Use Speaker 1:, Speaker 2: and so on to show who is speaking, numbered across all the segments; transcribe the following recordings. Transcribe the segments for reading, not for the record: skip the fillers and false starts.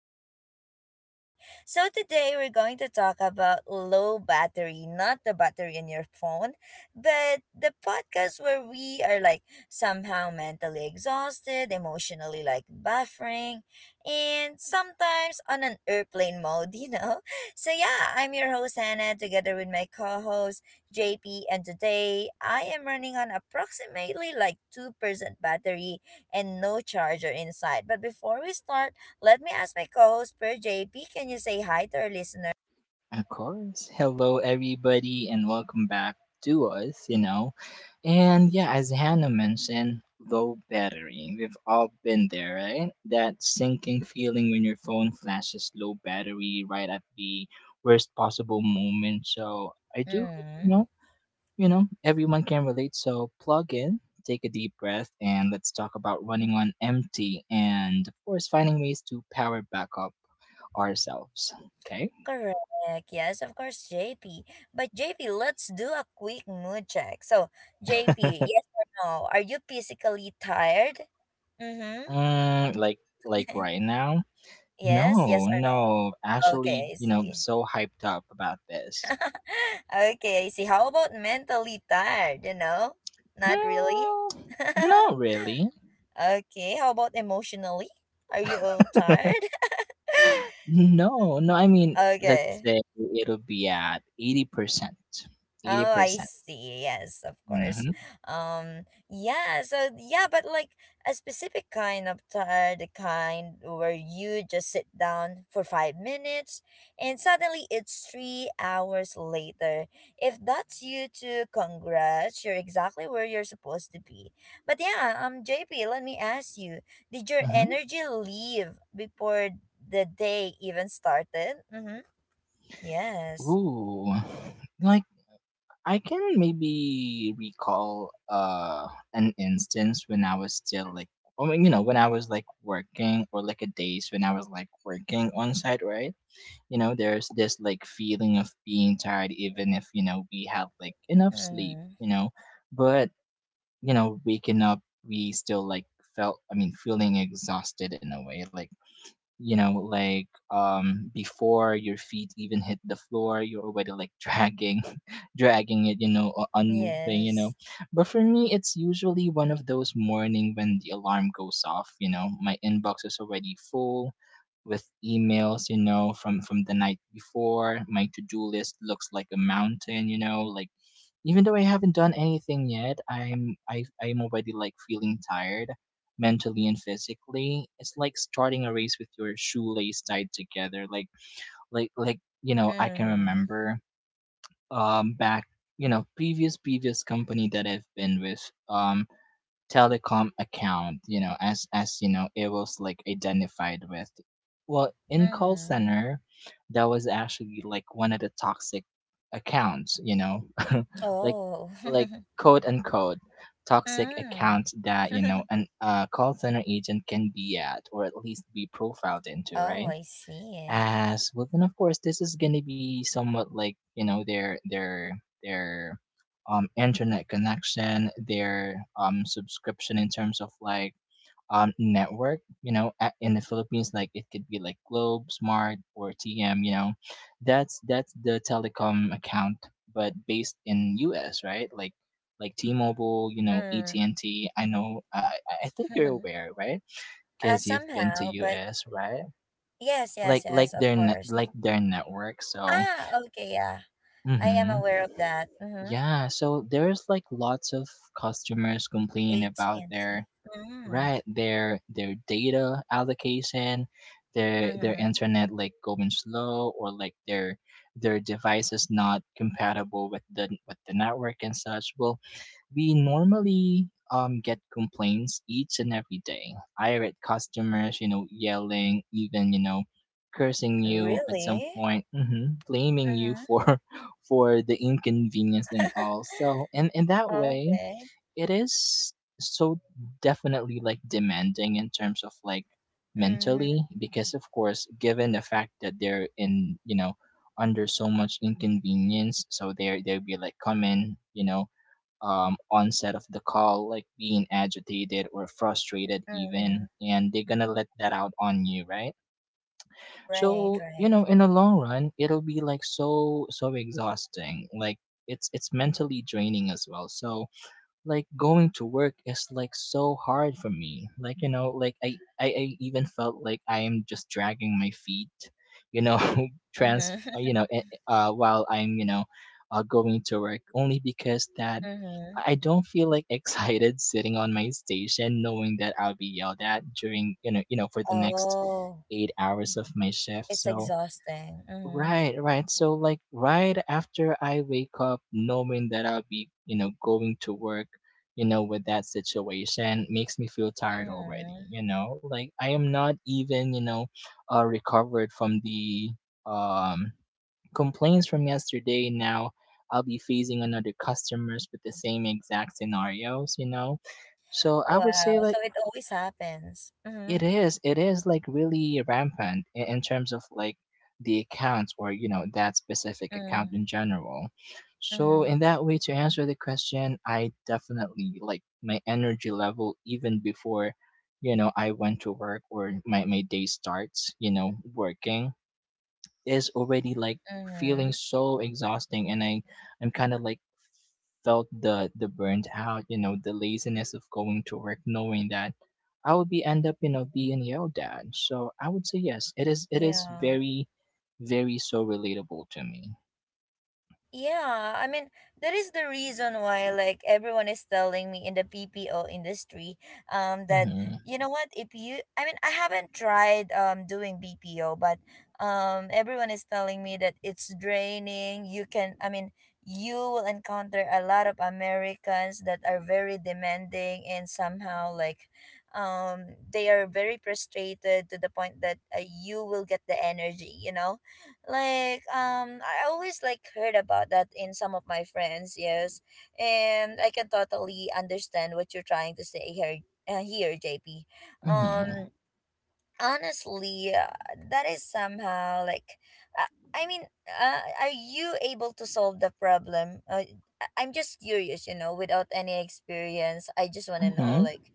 Speaker 1: podcast with JP. So today we're going to talk about low battery, not the battery in your phone, but the podcast where we are like somehow mentally exhausted, emotionally like buffering, and sometimes on an airplane mode, you know? So yeah, I'm your host Hannah together with my co-host JP, and today I am running on approximately like 2% battery and no charger inside. But before we start, let me ask my co-host Per JP, can you say hi to our listener?
Speaker 2: Of course. Hello, everybody, and welcome back to us. And yeah, as Hannah mentioned, low battery. We've all been there, right? That sinking feeling when your phone flashes low battery right at the worst possible moment. So I do hope,
Speaker 1: Mm,
Speaker 2: everyone can relate. So plug in, take a deep breath, and let's talk about running on empty and, of course, finding ways to power back up ourselves. Okay?
Speaker 1: correct. Yes, of course, JP. But JP, let's do a quick mood check. So, JP, yes or no? Are you physically tired? Mm-hmm.
Speaker 2: Mm, like like right now?
Speaker 1: Yes, yes
Speaker 2: No,
Speaker 1: or
Speaker 2: no.
Speaker 1: no?
Speaker 2: Actually,
Speaker 1: Okay, I
Speaker 2: you know,
Speaker 1: see.
Speaker 2: so hyped up about this.
Speaker 1: Okay, I see. How about mentally tired, you know? Not really?
Speaker 2: Mm, Not really.
Speaker 1: Okay, how about emotionally? Are you all tired? Mm,
Speaker 2: No, no. I mean, let's
Speaker 1: okay.
Speaker 2: say it'll be at 80%. Eighty
Speaker 1: Oh, I
Speaker 2: percent.
Speaker 1: see. Yes, of course.
Speaker 2: Mm-hmm.
Speaker 1: Um, yeah, so yeah, but like a specific kind of tire, the kind where you just sit down for 5 minutes and suddenly it's 3 hours later. If that's you too, congrats, you're exactly where you're supposed to be. But yeah, JP, let me ask you, did your
Speaker 2: Mm-hmm.
Speaker 1: energy leave before the day even started? Mm-hmm. Yes.
Speaker 2: Ooh, like I can maybe recall an instance when I was still like, I mean, you know, when I was like working or like a days when I was like working on site, right? You know, there's this like feeling of being tired, even if you know we have like enough sleep,
Speaker 1: Mm-hmm.
Speaker 2: you know. But you know, waking up, we still like felt, I mean, feeling exhausted in a way, like, you know, like before your feet even hit the floor, you're already like dragging dragging it, you know, or unmoving, you know.
Speaker 1: Yes.
Speaker 2: But for me, it's usually one of those morning when the alarm goes off, you know, my inbox is already full with emails, you know, from the night before. My to-do list looks like a mountain, you know, like, even though I haven't done anything yet, I'm already like feeling tired mentally and physically. It's like starting a race with your shoelace tied together. Like, you know, I can
Speaker 1: Mm-hmm.
Speaker 2: remember back, you know, previous company that I've been with, um telecom account, you know, as you know, it was like identified with, well, in call
Speaker 1: Mm-hmm.
Speaker 2: center, that was actually like one of the toxic accounts, you know. like
Speaker 1: Oh.
Speaker 2: like quote unquote toxic account
Speaker 1: Mm.
Speaker 2: that, you know, an a call center agent can be at, or at least be profiled into,
Speaker 1: Oh,
Speaker 2: right,
Speaker 1: I see.
Speaker 2: as well. Then of course this is gonna be somewhat like, you know, their internet connection, their subscription in terms of like network. You know, in the Philippines, like it could be like Globe, Smart, or TM. You know, that's the telecom account, but based in US, right? Like T-Mobile, you know, at
Speaker 1: Mm.
Speaker 2: and T I know, I think you're aware, right?
Speaker 1: uh,
Speaker 2: Because you've been to
Speaker 1: somehow, but
Speaker 2: US, right?
Speaker 1: yes, yes,
Speaker 2: Like
Speaker 1: yes, of
Speaker 2: their net,
Speaker 1: course.
Speaker 2: like their network, so
Speaker 1: Ah, okay, yeah. I am
Speaker 2: hmm
Speaker 1: aware of that. Mm-hmm.
Speaker 2: yeah, so there's like lots of customers complaining about
Speaker 1: AT&T.
Speaker 2: their,
Speaker 1: Mm.
Speaker 2: right, their data allocation, their
Speaker 1: Mm-hmm.
Speaker 2: internet like going slow, or like their device is not compatible with the network and such. Well, we normally get complaints each and every day. Irate customers, you know, yelling, even, you know, cursing
Speaker 1: Mm-hmm.
Speaker 2: you at
Speaker 1: Really?
Speaker 2: some point, blaming you
Speaker 1: Mm-hmm.
Speaker 2: for for the inconvenience and all. So, and in that way,
Speaker 1: Okay.
Speaker 2: it is so definitely like demanding in terms of, like,
Speaker 1: Mm-hmm.
Speaker 2: mentally, because of course given the fact that they're in, you know, under so much inconvenience, so they'll be like come in, you know, onset of the call, like being agitated or frustrated,
Speaker 1: Mm-hmm.
Speaker 2: even, and they're gonna let that out on you, right?
Speaker 1: Right,
Speaker 2: So, you
Speaker 1: right.
Speaker 2: know, in the long run, it'll be like so exhausting. Like, it's mentally draining as well. So like going to work is like so hard for me, like, you know, like I even felt like I am just dragging my feet, you know, trans
Speaker 1: Mm-hmm.
Speaker 2: you know, while I'm, you know, going to work, only because that i
Speaker 1: Mm-hmm.
Speaker 2: I don't feel like excited sitting on my station, knowing that I'll be yelled at during, for the next
Speaker 1: Oh,
Speaker 2: 8 hours of my shift,
Speaker 1: it's
Speaker 2: so.
Speaker 1: exhausting. Mm-hmm.
Speaker 2: Right, right. So like right after I wake up knowing that I'll be, you know, going to work, you know, with that situation makes me feel tired already,
Speaker 1: Mm-hmm.
Speaker 2: you know? Like I am not even, you know, recovered from the um complaints from yesterday. Now I'll be facing another customers with the same exact scenarios, you know? So I would
Speaker 1: Wow.
Speaker 2: say like
Speaker 1: So it always happens.
Speaker 2: it
Speaker 1: Mm-hmm.
Speaker 2: is. It is like really rampant in terms of, like, the accounts, or, you know, that specific
Speaker 1: Mm-hmm.
Speaker 2: account in general. So
Speaker 1: Mm-hmm.
Speaker 2: in that way, to answer the question, I definitely like my energy level, even before, you know, I went to work or my day starts. You know, working is already like feeling
Speaker 1: Mm-hmm.
Speaker 2: so exhausting, and I'm kind of like felt the burnt out, you know, the laziness of going to work, knowing that I would be end up, you know, being yelled at. So I would say yes, it is
Speaker 1: Yeah.
Speaker 2: very, very so relatable to me.
Speaker 1: Yeah, I mean, that is the reason why like everyone is telling me in the PPO industry that,
Speaker 2: Mm-hmm.
Speaker 1: you know what, if you I mean, I haven't tried doing BPO, but everyone is telling me that it's draining. You can I mean, you will encounter a lot of Americans that are very demanding and somehow like they are very frustrated to the point that you will get the energy, you know? Like, I always like heard about that in some of my friends. Yes, and I can totally understand what you're trying to say here, here JP.
Speaker 2: Mm-hmm.
Speaker 1: Um honestly that is somehow like, uh, I mean, are you able to solve the problem, I'm just curious, you know, without any experience. I just want to know
Speaker 2: Mm-hmm.
Speaker 1: like,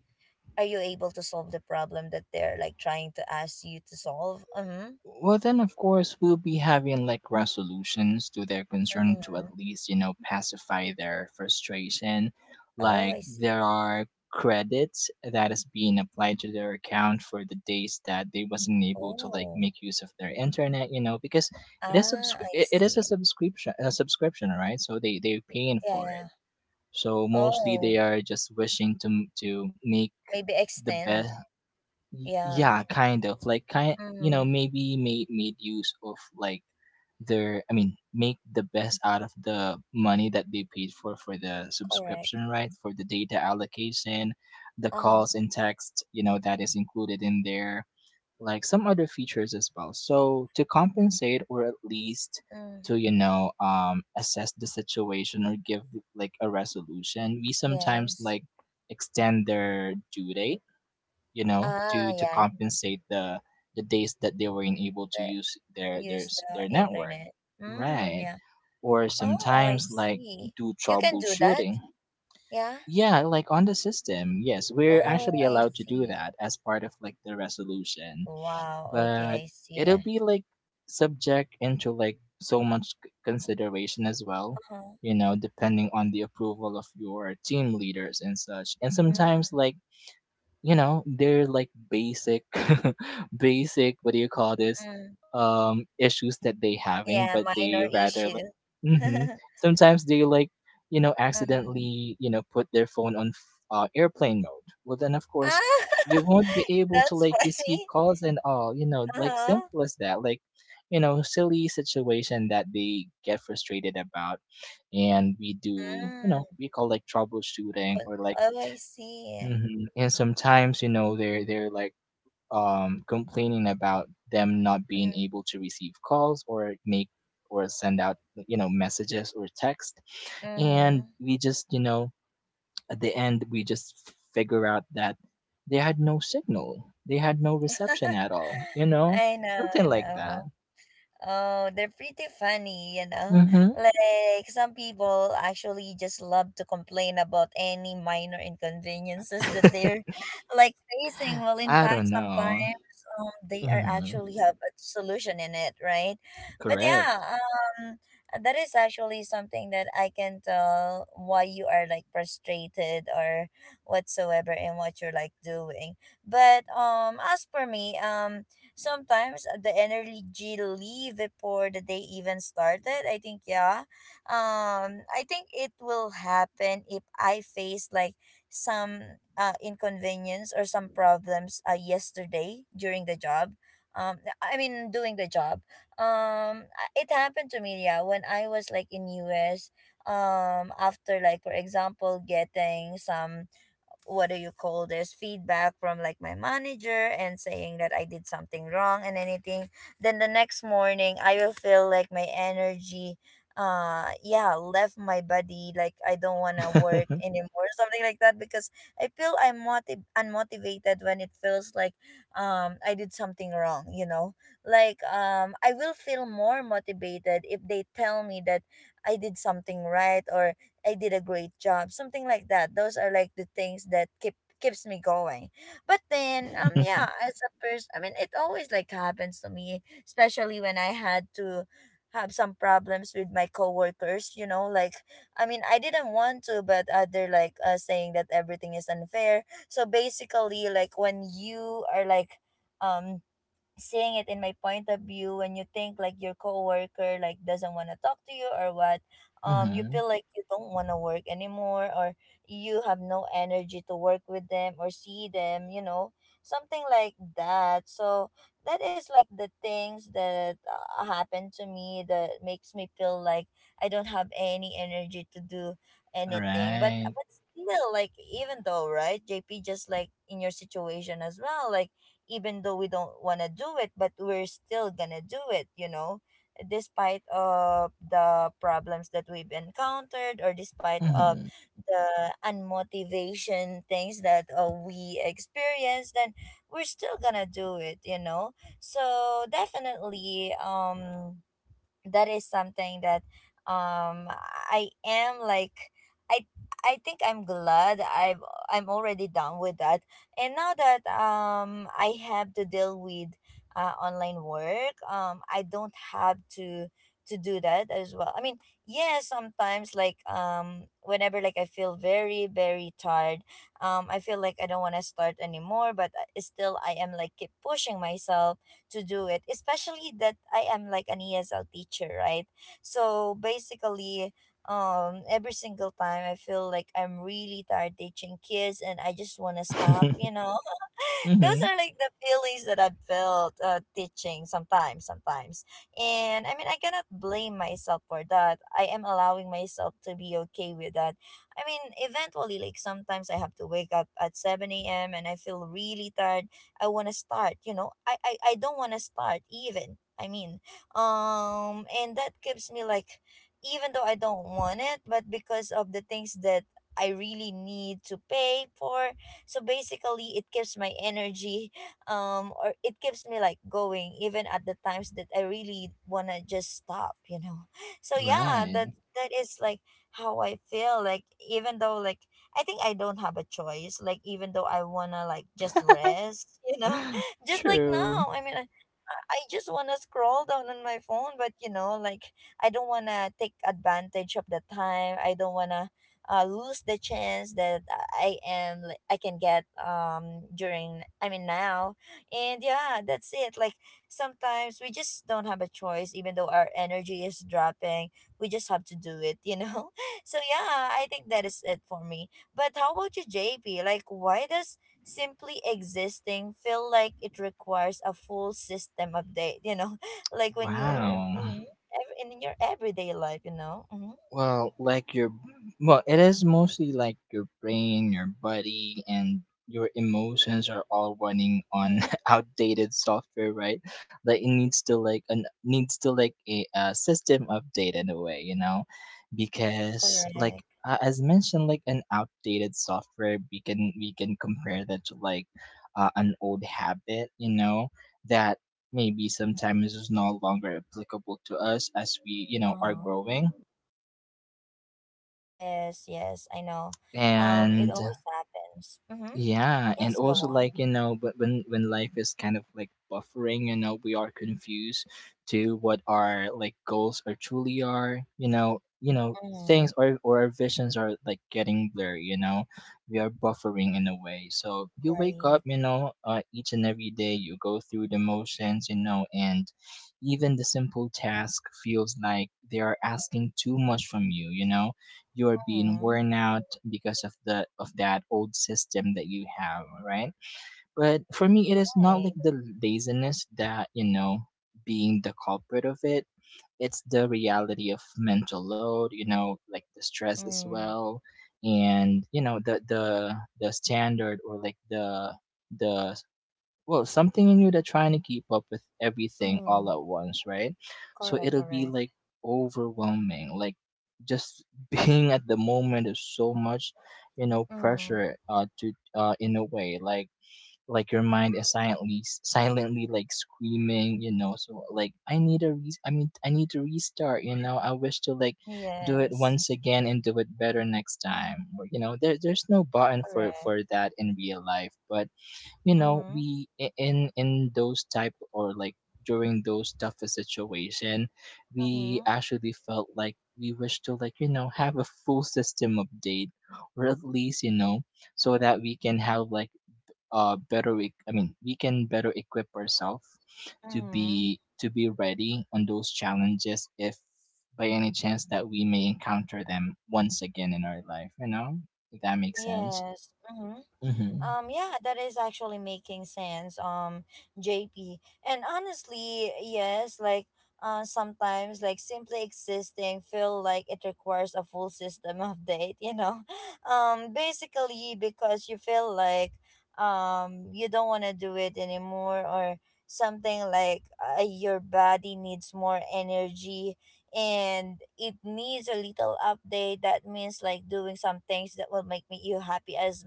Speaker 1: are you able to solve the problem that they're like trying to ask you to solve? Mm-hmm.
Speaker 2: Well, then, of course, we'll be having like resolutions to their concern, to
Speaker 1: Mm-hmm.
Speaker 2: at least, you know, pacify their frustration.
Speaker 1: Oh,
Speaker 2: Like,
Speaker 1: I see.
Speaker 2: there are credits that is being applied to their account for the days that they wasn't able to like
Speaker 1: Oh.
Speaker 2: make use of their internet, you know, because
Speaker 1: Ah, I
Speaker 2: it is a
Speaker 1: see.
Speaker 2: subscription, right, so they're paying
Speaker 1: Yeah,
Speaker 2: for
Speaker 1: yeah.
Speaker 2: it. So mostly
Speaker 1: Oh,
Speaker 2: they are just wishing to make
Speaker 1: maybe
Speaker 2: the best.
Speaker 1: extend. Yeah.
Speaker 2: Yeah, kind of like kind, you know,
Speaker 1: Mm-hmm.
Speaker 2: maybe made use of like their, I mean, make the best out of the money that they paid for the
Speaker 1: Correct.
Speaker 2: subscription, right, for the data allocation, the
Speaker 1: Uh-huh.
Speaker 2: calls and text, you know, that is included in there, like some other features as well. So to compensate, or at least
Speaker 1: Mm.
Speaker 2: to, you know, assess the situation, or give like a resolution, we sometimes
Speaker 1: Yes.
Speaker 2: like extend their due date, you know,
Speaker 1: Ah,
Speaker 2: to
Speaker 1: yeah.
Speaker 2: compensate the days that they weren't able to
Speaker 1: the-
Speaker 2: use
Speaker 1: Use the
Speaker 2: their network,
Speaker 1: internet. Mm,
Speaker 2: right?
Speaker 1: yeah.
Speaker 2: Or
Speaker 1: Oh, I
Speaker 2: sometimes like
Speaker 1: see.
Speaker 2: do
Speaker 1: You can do that?
Speaker 2: troubleshooting.
Speaker 1: Yeah.
Speaker 2: Yeah, like on the system. Yes, we're
Speaker 1: Oh,
Speaker 2: actually
Speaker 1: I
Speaker 2: allowed to do
Speaker 1: see.
Speaker 2: that as part of like the resolution,
Speaker 1: Wow.
Speaker 2: but
Speaker 1: Okay, I see.
Speaker 2: it'll be like subject into like so much consideration as well,
Speaker 1: Uh-huh.
Speaker 2: you know, depending on the approval of your team leaders and such. And
Speaker 1: Mm,
Speaker 2: sometimes like, you know, they're like basic basic, what do you call this,
Speaker 1: mm.
Speaker 2: issues that they having,
Speaker 1: Yeah,
Speaker 2: but they
Speaker 1: minor
Speaker 2: rather like,
Speaker 1: issue.
Speaker 2: hmm sometimes they like, you know,
Speaker 1: Mm.
Speaker 2: accidentally, you know, put their phone on airplane mode. Well, then of course
Speaker 1: Ah,
Speaker 2: you won't be able to
Speaker 1: that's
Speaker 2: like receive
Speaker 1: funny.
Speaker 2: calls and all, you know, like
Speaker 1: Uh-huh.
Speaker 2: simple as that. Like, you know, silly situation that they get frustrated about, and we do, you
Speaker 1: Mm.
Speaker 2: know, we call like troubleshooting
Speaker 1: Could,
Speaker 2: or like,
Speaker 1: oh, I see.
Speaker 2: mhm, and sometimes, you know, they're like, complaining about them not being able to receive calls, or make, or send out, you know, messages or text. And
Speaker 1: Mm.
Speaker 2: we just, you know, at the end, we just figure out that they had no signal. They had no reception at all, you know?
Speaker 1: I know,
Speaker 2: Something
Speaker 1: I
Speaker 2: like
Speaker 1: know.
Speaker 2: that.
Speaker 1: Oh, they're pretty funny.
Speaker 2: Hmm.
Speaker 1: Like, some people actually just love to complain about any minor inconveniences that they're like facing. Well, in
Speaker 2: I
Speaker 1: fact,
Speaker 2: don't
Speaker 1: sometimes
Speaker 2: know.
Speaker 1: they are
Speaker 2: Hmm.
Speaker 1: actually have a solution in it, right? But
Speaker 2: Correct.
Speaker 1: yeah, that is actually something that I can tell why you are like frustrated or whatsoever in what you're like doing. But as for me, sometimes the energy leave before the day even started. I think yeah. I think it will happen if I face like some inconvenience or some problems yesterday during the job. I mean, doing the job. It happened to me, yeah, when I was like in US after like, for example, getting some, what do you call this, feedback from like my manager, and saying that I did something wrong and anything. Then the next morning I will feel like my energy yeah left my body, like I don't want to work anymore, something like that, because I feel I'm unmotivated when it feels like I did something wrong. Like, I will feel more motivated if they tell me that I did something right, or I did a great job, something like that. Those are like the things that keeps me going. But then, yeah, as a person, I mean, it always like happens to me, especially when I had to have some problems with my coworkers. You know, like, I mean, I didn't want to, but they're like, saying that everything is unfair. So basically, like when you are like, um seeing it in my point of view, when you think like your coworker like doesn't want to talk to you or what, you
Speaker 2: Hmm.
Speaker 1: feel like you don't want to work anymore, or you have no energy to work with them, or see them, something like that. So that is like the things that happened to me, that makes me feel like I don't have any energy to do anything. but
Speaker 2: Right.
Speaker 1: but still, like, even though, right JP, just like in your situation as well, like even though we don't want to do it, but we're still gonna do it, you know, despite of the problems that we've encountered, or despite of
Speaker 2: Hmm.
Speaker 1: the unmotivation things that we experienced, then we're still gonna do it, you know. So definitely that is something that um I am like, I I think I'm glad I'm already done with that. And now that I have to deal with online work, I don't have to do that as well. I mean, yeah, sometimes like whenever like I feel very, very tired, I feel like I don't want to start anymore, but still I am like keep pushing myself to do it, especially that I am like an ESL teacher, right? So basically every single time I feel like I'm really tired teaching kids and I just want to stop. Those
Speaker 2: Hmm.
Speaker 1: are like the feelings that I felt teaching sometimes, sometimes. And I mean, I cannot blame myself for that. I am allowing myself to be okay with that. I mean, eventually, like sometimes I have to wake up at 7 a.m. and I feel really tired. I want to start, you know. I don't want to start even. I mean, and that keeps me like, even though I don't want it, but because of the things that I really need to pay for. So basically it keeps my energy, or it keeps me like going, even at the times that I really want to just stop, you know. So yeah, that
Speaker 2: Right.
Speaker 1: that is like how I feel, like even though like I think I don't have a choice. Like, even though I wanna like just rest, just like
Speaker 2: True.
Speaker 1: now. I mean, I just wanna scroll down on my phone, but like, I don't wanna take advantage of the time. I don't wanna lose the chance that I am like, I can get during, I mean, now. And yeah, that's it. Like, sometimes we just don't have a choice, even though our energy is dropping. We just have to do it. So yeah, I think that is it for me. But how about you, JP? Like, why does simply existing feel like it requires a full system update? You know, like when you're
Speaker 2: Wow.
Speaker 1: in your everyday life, you know? Mm-hmm.
Speaker 2: Well, like your, well, it is mostly like your brain, your body, and your emotions are all running on outdated software, right? Like it needs to, like an, needs to like a system update in a way, you know, because like,
Speaker 1: Correct.
Speaker 2: as mentioned, like an outdated software, we can compare that to like, an old habit, you know, that maybe sometimes is no longer applicable to us as we, you know, are
Speaker 1: Uh-huh.
Speaker 2: growing.
Speaker 1: Yes, yes, I know. It
Speaker 2: And
Speaker 1: always happens. Mm-hmm.
Speaker 2: yeah, and
Speaker 1: Yes, go
Speaker 2: also
Speaker 1: on.
Speaker 2: like, you know, but when life is kind of like buffering, you know, we are confused to what our like goals are truly are, you know, you know, things,
Speaker 1: Mm-hmm.
Speaker 2: or our visions are like getting blurry, you know, we are buffering in a way. So you wake
Speaker 1: Right.
Speaker 2: up, you know, each and every day, you go through the motions, you know, and even the simple task feels like they are asking too much from you, you know, you're being
Speaker 1: Mm-hmm.
Speaker 2: worn out because of the of that old system that you have, right. But for me it is not like
Speaker 1: Right.
Speaker 2: the laziness that, you know, being the culprit of it. It's the reality of mental load, you know, like the stress as
Speaker 1: Mm-hmm.
Speaker 2: well. And you know, the standard, or like the well, something in you that trying to keep up with everything all
Speaker 1: Mm-hmm.
Speaker 2: at once, right. So
Speaker 1: Correct,
Speaker 2: it'll be like
Speaker 1: correct.
Speaker 2: overwhelming, like, just being at the moment is so much, you know,
Speaker 1: Mm-hmm.
Speaker 2: pressure, to, in a way, like your mind is silently like screaming, you know. So like I need a I mean I need to restart, you know, I wish to like do it
Speaker 1: Yes,
Speaker 2: once again, and do it better next time. Or, there's no button for
Speaker 1: correct.
Speaker 2: for that in real life. But you know
Speaker 1: Mm-hmm.
Speaker 2: we I- in those type or like during those toughest situation, we
Speaker 1: Mm-hmm.
Speaker 2: actually felt like we wish to, like have a full system update, or at least, so that we can have like, better I mean we can better equip ourselves, to
Speaker 1: Mm-hmm.
Speaker 2: be ready on those challenges if by any chance that we may encounter them once again in our life, if that makes sense.
Speaker 1: Yes. Hmm.
Speaker 2: Hmm.
Speaker 1: Yeah, that is actually making sense, JP. And honestly, yes, like sometimes like simply existing feel like it requires a full system update. Basically because you feel like you don't wanna do it anymore, or something like, your body needs more energy and it needs a little update. That means like doing some things that will make me you happy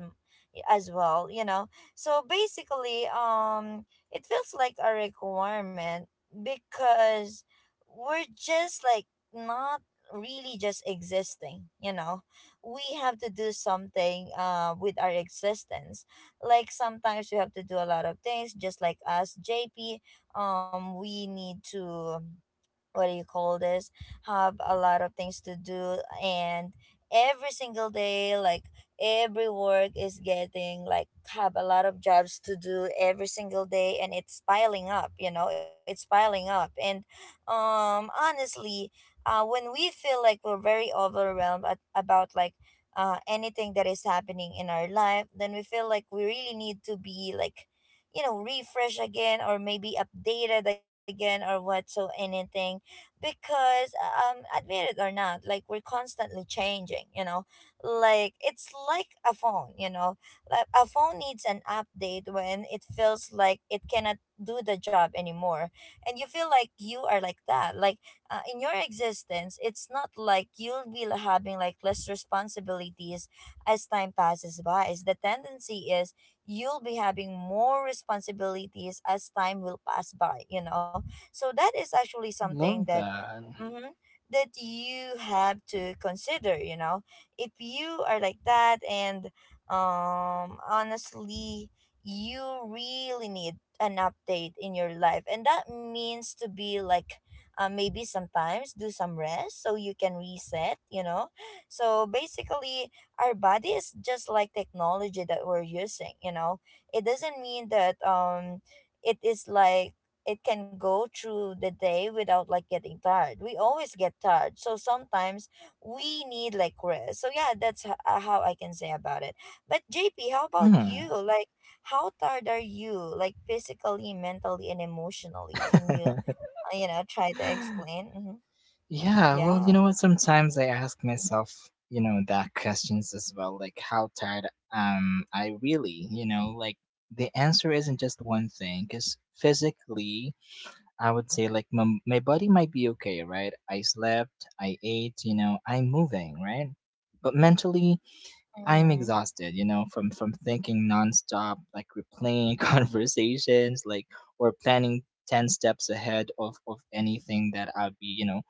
Speaker 1: as well, you know. So basically, it feels like a requirement, because we're just like not really just existing, you know. We have to do something with our existence. Like sometimes we have to do a lot of things, just like us JP. We need to, what do you call this, have a lot of things to do and every single day, like every work is getting like, have a lot of jobs to do every single day and it's piling up, you know, it's piling up. And honestly, when we feel like we're very overwhelmed about like anything that is happening in our life, then we feel like we really need to be like, you know, refresh again, or maybe updated again, or what, so anything. Because admit it or not, like we're constantly changing, you know. Like it's like a phone, you know. Like a phone needs an update when it feels like it cannot do the job anymore. And you feel like you are like that. Like in your existence, it's not like you'll be having like less responsibilities as time passes by. Is the tendency is you'll be having more responsibilities as time will pass by, you know. So that is actually something
Speaker 2: Love
Speaker 1: that
Speaker 2: that.
Speaker 1: mm-hmm, that you have to consider. You know, if you are like that, and honestly, you really need an update in your life, and that means to be like. Maybe sometimes do some rest so you can reset, you know. So basically our body is just like technology that we're using, you know. It doesn't mean that it is like it can go through the day without like getting tired. We always get tired. So sometimes we need like rest. So yeah, that's how I can say about it. But JP, how about
Speaker 2: Hmm.
Speaker 1: you? Like how tired are you? Like physically, mentally and emotionally? Can you, you know, try to explain? Mm-hmm.
Speaker 2: Yeah, well, you
Speaker 1: Yeah.
Speaker 2: know what? Sometimes I ask myself, you know, that questions as well, like how tired. I really, you know, like the answer isn't just one thing, because physically, I would say like my body might be okay, right? I slept, I ate, you know, I'm moving, right? But mentally, I'm
Speaker 1: Mm-hmm.
Speaker 2: exhausted, you know, from thinking nonstop, like replaying conversations, like, or planning 10 steps ahead of anything that I'd be, you know,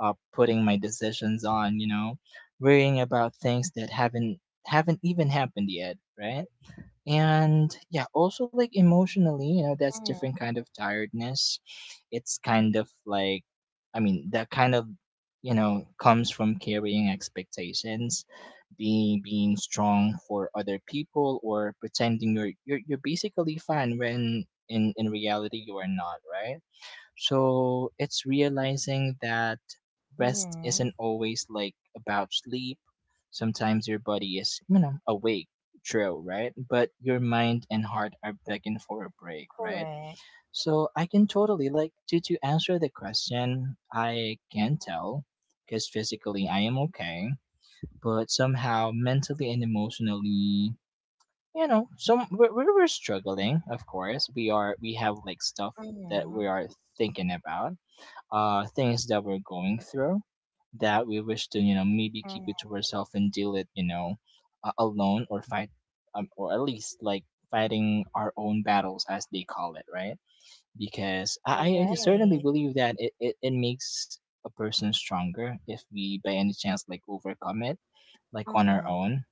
Speaker 2: putting my decisions on, you know, worrying about things that haven't even happened yet, right? And yeah, also like emotionally, you know, that's different
Speaker 1: Mm-hmm.
Speaker 2: kind of tiredness. It's kind of like, I mean, that kind of, you know, comes from carrying expectations, being strong for other people, or pretending you're basically fine when in reality you are not, right? So it's realizing that rest isn't
Speaker 1: Mm-hmm.
Speaker 2: always like about sleep. Sometimes your body is, you know, awake, true, right? But your mind and heart are begging for a break, right?
Speaker 1: Correct.
Speaker 2: So I can totally like, to answer the question, I can tell, because physically I am okay, but somehow mentally and emotionally, you know, some we're struggling. Of course we are. We have like stuff that
Speaker 1: Mm-hmm.
Speaker 2: we are thinking about, things that we're going through, that we wish to, you know, maybe keep it
Speaker 1: Mm-hmm.
Speaker 2: to ourselves and deal it, you know, alone, or fight, or at least like fighting our own battles as they call it, right? Because I
Speaker 1: Right.
Speaker 2: certainly believe that it makes a person stronger if we by any chance like overcome it, like on our
Speaker 1: Mm-hmm.
Speaker 2: own.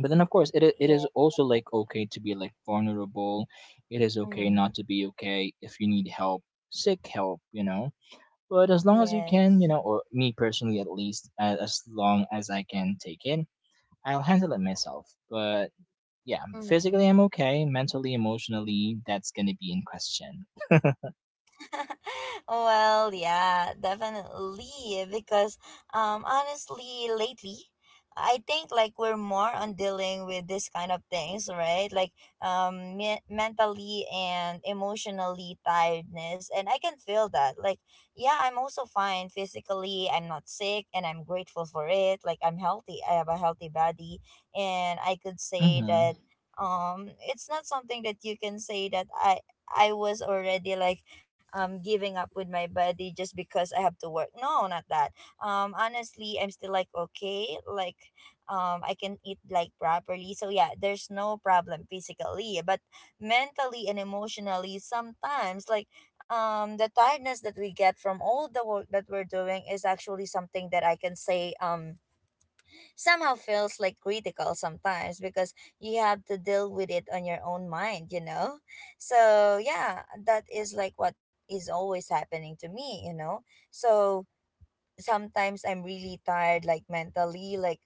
Speaker 2: But then of course, it
Speaker 1: Yeah.
Speaker 2: is also like okay to be like vulnerable. It is okay
Speaker 1: Mm-hmm.
Speaker 2: not to be okay. If you need help, seek help, you know. But as long as you can,
Speaker 1: Yes.
Speaker 2: you know, or me personally at least, as long as I can take in, I'll handle it myself. But yeah, physically
Speaker 1: Mm-hmm.
Speaker 2: I'm okay. Mentally, emotionally, that's gonna be in question.
Speaker 1: well, yeah, definitely. Because honestly, lately, I think like we're more on dealing with this kind of things, right? Like mentally and emotionally tiredness, and I can feel that. Like, yeah, I'm also fine physically. I'm not sick, and I'm grateful for it. Like, I'm healthy. I have a healthy body, and I could say
Speaker 2: Mm-hmm.
Speaker 1: that it's not something that you can say that I was already like giving up with my body just because I have to work. No, not that. Honestly, I'm still like okay, like I can eat like properly. So yeah, there's no problem physically, but mentally and emotionally sometimes like the tiredness that we get from all the work that we're doing is actually something that I can say somehow feels like critical sometimes, because you have to deal with it on your own mind, you know? So, yeah, that is like what is always happening to me, you know? So, sometimes I'm really tired, like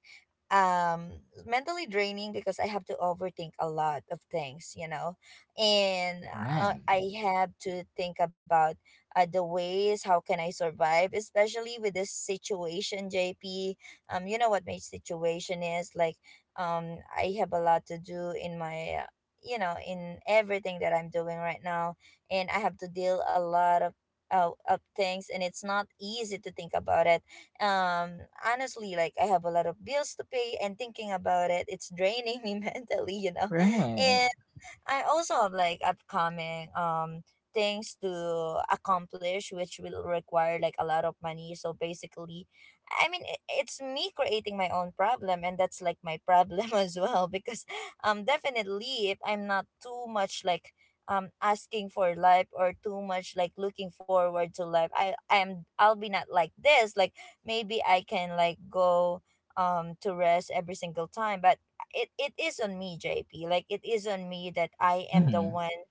Speaker 1: um mentally draining, because I have to overthink a lot of things, you know, and
Speaker 2: Right.
Speaker 1: I have to think about the ways how can I survive, especially with this situation, JP. You know what my situation is like. I have a lot to do in my. You know, in everything that I'm doing right now, and I have to deal a lot of things, and it's not easy to think about it. um Honestly, like I have a lot of bills to pay, and thinking about it, it's draining me mentally, you know.
Speaker 2: Right.
Speaker 1: I also have like upcoming things to accomplish which will require like a lot of money. So basically, I mean it's me creating my own problem, and that's like my problem as well. Because definitely, if I'm not too much like asking for life, or too much like looking forward to life, I'll be not like this. Like maybe I can like go to rest every single time. But it is on me, JP. Like it is on me that I am the
Speaker 2: Mm-hmm.
Speaker 1: one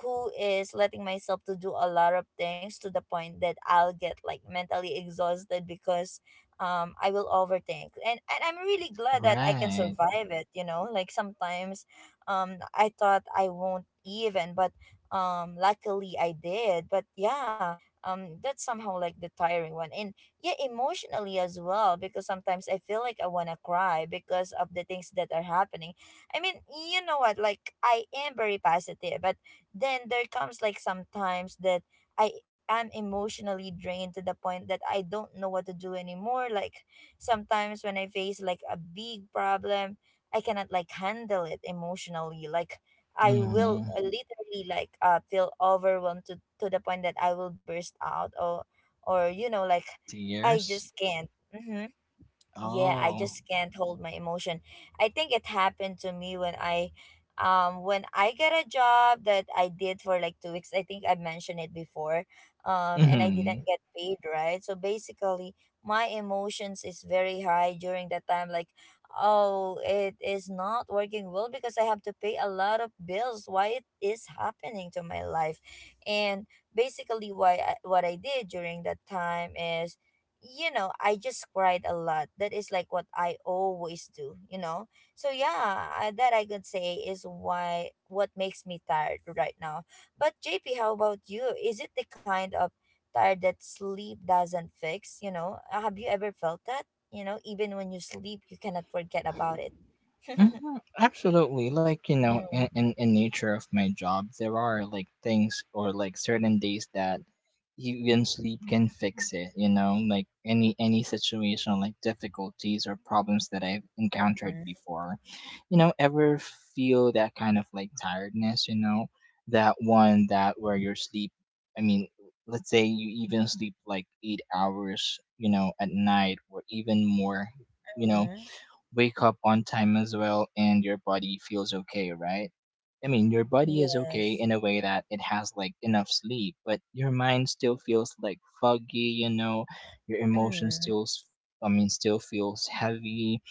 Speaker 1: who is letting myself to do a lot of things, to the point that I'll get like mentally exhausted, because I will overthink. And I'm really glad that I can
Speaker 2: Right.
Speaker 1: survive it, you know? Like sometimes I thought I won't even, but luckily I did. But yeah, that's somehow like the tiring one. And yeah, emotionally as well, because sometimes I feel like I want to cry because of the things that are happening. I mean, you know what, like I am very positive, but then there comes like sometimes that I am emotionally drained to the point that I don't know what to do anymore. Like sometimes when I face like a big problem, I cannot like handle it emotionally. Like I will
Speaker 2: Mm-hmm.
Speaker 1: literally like feel overwhelmed to the point that I will burst out, or you know like I
Speaker 2: Tears.
Speaker 1: just can't. Hmm. Yeah, I
Speaker 2: Oh.
Speaker 1: just can't hold my emotion. I think it happened to me when when I get a job that I did for like 2 weeks. I think I mentioned it before. And I
Speaker 2: Mm-hmm.
Speaker 1: didn't get paid, right? So basically, my emotions is very high during that time. Like, oh, it is not working well because I have to pay a lot of bills. Why it is happening to my life? And basically, why what I did during that time is, you know, I just cried a lot. That is like what I always do, you know. So yeah, that I could say is why what makes me tired right now. But JP, how about you? Is it the kind of tired that sleep doesn't fix? You know, have you ever felt that? You know, even when you sleep, you cannot forget about it.
Speaker 2: Mhm, absolutely. Like, you know, in,
Speaker 1: Mm-hmm.
Speaker 2: in nature of my job, there are like things or like certain days that even sleep can fix it, you know, like any situation, like difficulties or problems that I've encountered before. You know, ever feel that kind of like tiredness, you know, that one that where your sleep, I mean, let's say you even sleep like 8 hours, you know, at night or even more, you know, wake up on time as well, and your body feels okay, right? I mean, your body is okay
Speaker 1: Yes.
Speaker 2: in a way that it has like enough sleep, but your mind still feels like foggy, you know, your emotions
Speaker 1: Mm.
Speaker 2: still I mean still feels heavy,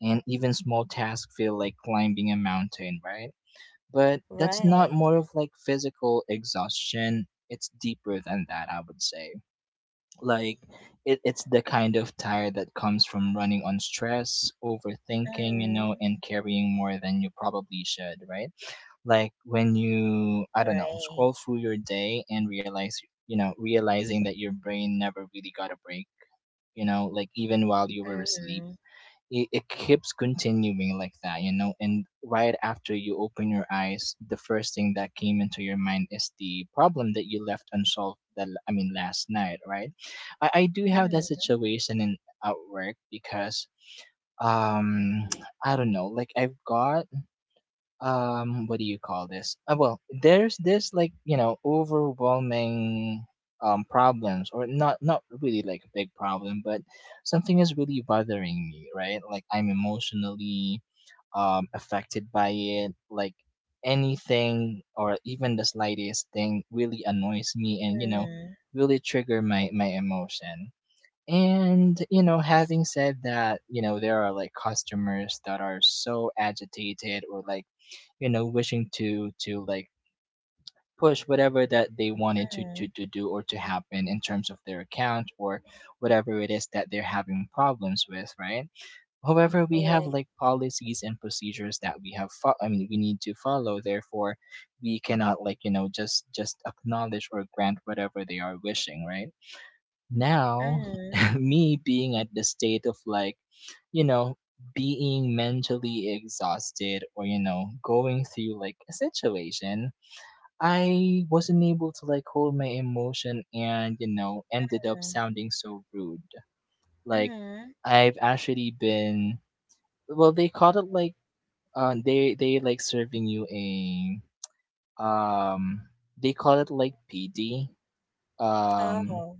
Speaker 2: and even small tasks feel like climbing a mountain, right? But that's not
Speaker 1: Right.
Speaker 2: more of like physical exhaustion, it's deeper than that, I would say, like, it's the kind of tire that comes from running on stress, overthinking, you know,
Speaker 1: Mm.
Speaker 2: and carrying more than you probably should, right? Like when you, I don't know,
Speaker 1: Right.
Speaker 2: scroll through your day and realize you know realizing that your brain never really got a break, you know, like even while you were asleep,
Speaker 1: Mm.
Speaker 2: it keeps continuing like that, you know. And right after you open your eyes, the first thing that came into your mind is the problem that you left unsolved. That, I mean, last night, right? I do have that
Speaker 1: Mm.
Speaker 2: situation in at work, because, um I don't know, like I've got, what do you call this, well, there's this like, you know, overwhelming, problems, or not really like a big problem, but something is really bothering me, right? Like I'm emotionally, affected by it, like anything or even the slightest thing really annoys me, and, you know,
Speaker 1: Mm.
Speaker 2: really trigger my emotion. And, you know,
Speaker 1: Yes.
Speaker 2: having said that, you know, there are like customers that are so agitated, or like, you know, wishing to like push whatever that they wanted to, to
Speaker 1: Mhm.
Speaker 2: to do or to happen in terms of their account, or whatever it is that they're having problems with, right? However, we have
Speaker 1: Right.
Speaker 2: like policies and procedures that we have I mean we need to follow, therefore we cannot like, you know, just acknowledge or grant whatever they are wishing, right now.
Speaker 1: Mhm.
Speaker 2: Me being at the state of like, you know, being mentally exhausted, or, you know, going through like a situation, I wasn't able to like hold my emotion, and, you know, ended up
Speaker 1: Mhm.
Speaker 2: sounding so rude, like.
Speaker 1: Mhm.
Speaker 2: I've actually been, well, they called it like, they like serving you a, um they call it like PD, um
Speaker 1: Oh.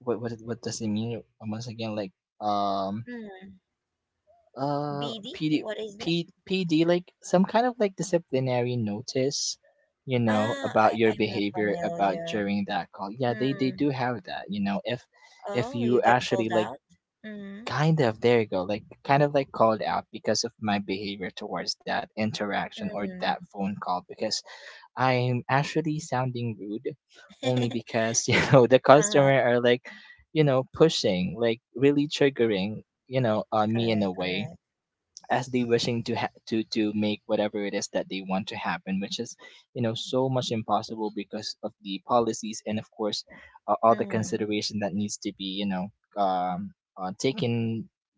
Speaker 2: what what does it mean once again, like, um
Speaker 1: Mm. BD?
Speaker 2: PD.
Speaker 1: What is that?
Speaker 2: PD like some kind of like disciplinary notice, you know,
Speaker 1: Ah,
Speaker 2: about
Speaker 1: I
Speaker 2: your
Speaker 1: I'm not
Speaker 2: behavior, about
Speaker 1: familiar.
Speaker 2: during that call. Yeah, they
Speaker 1: Mm.
Speaker 2: do have that, you know. If
Speaker 1: Oh, you
Speaker 2: you
Speaker 1: get
Speaker 2: actually
Speaker 1: called
Speaker 2: like,
Speaker 1: out? Mm.
Speaker 2: kind of, there you go. Like, kind of like called out because of my behavior towards that interaction, or
Speaker 1: Mm.
Speaker 2: that phone call, because I'm actually sounding rude, only because, you know, the
Speaker 1: Uh-huh.
Speaker 2: customer are like, you know, pushing, like really triggering, you know, me in a
Speaker 1: Correct,
Speaker 2: way,
Speaker 1: correct.
Speaker 2: as they wishing to ha- to make whatever it is that they want to happen, which is, you know, so much impossible because of the policies, and of course, all the
Speaker 1: Mm.
Speaker 2: consideration that needs to be, you know, um, taken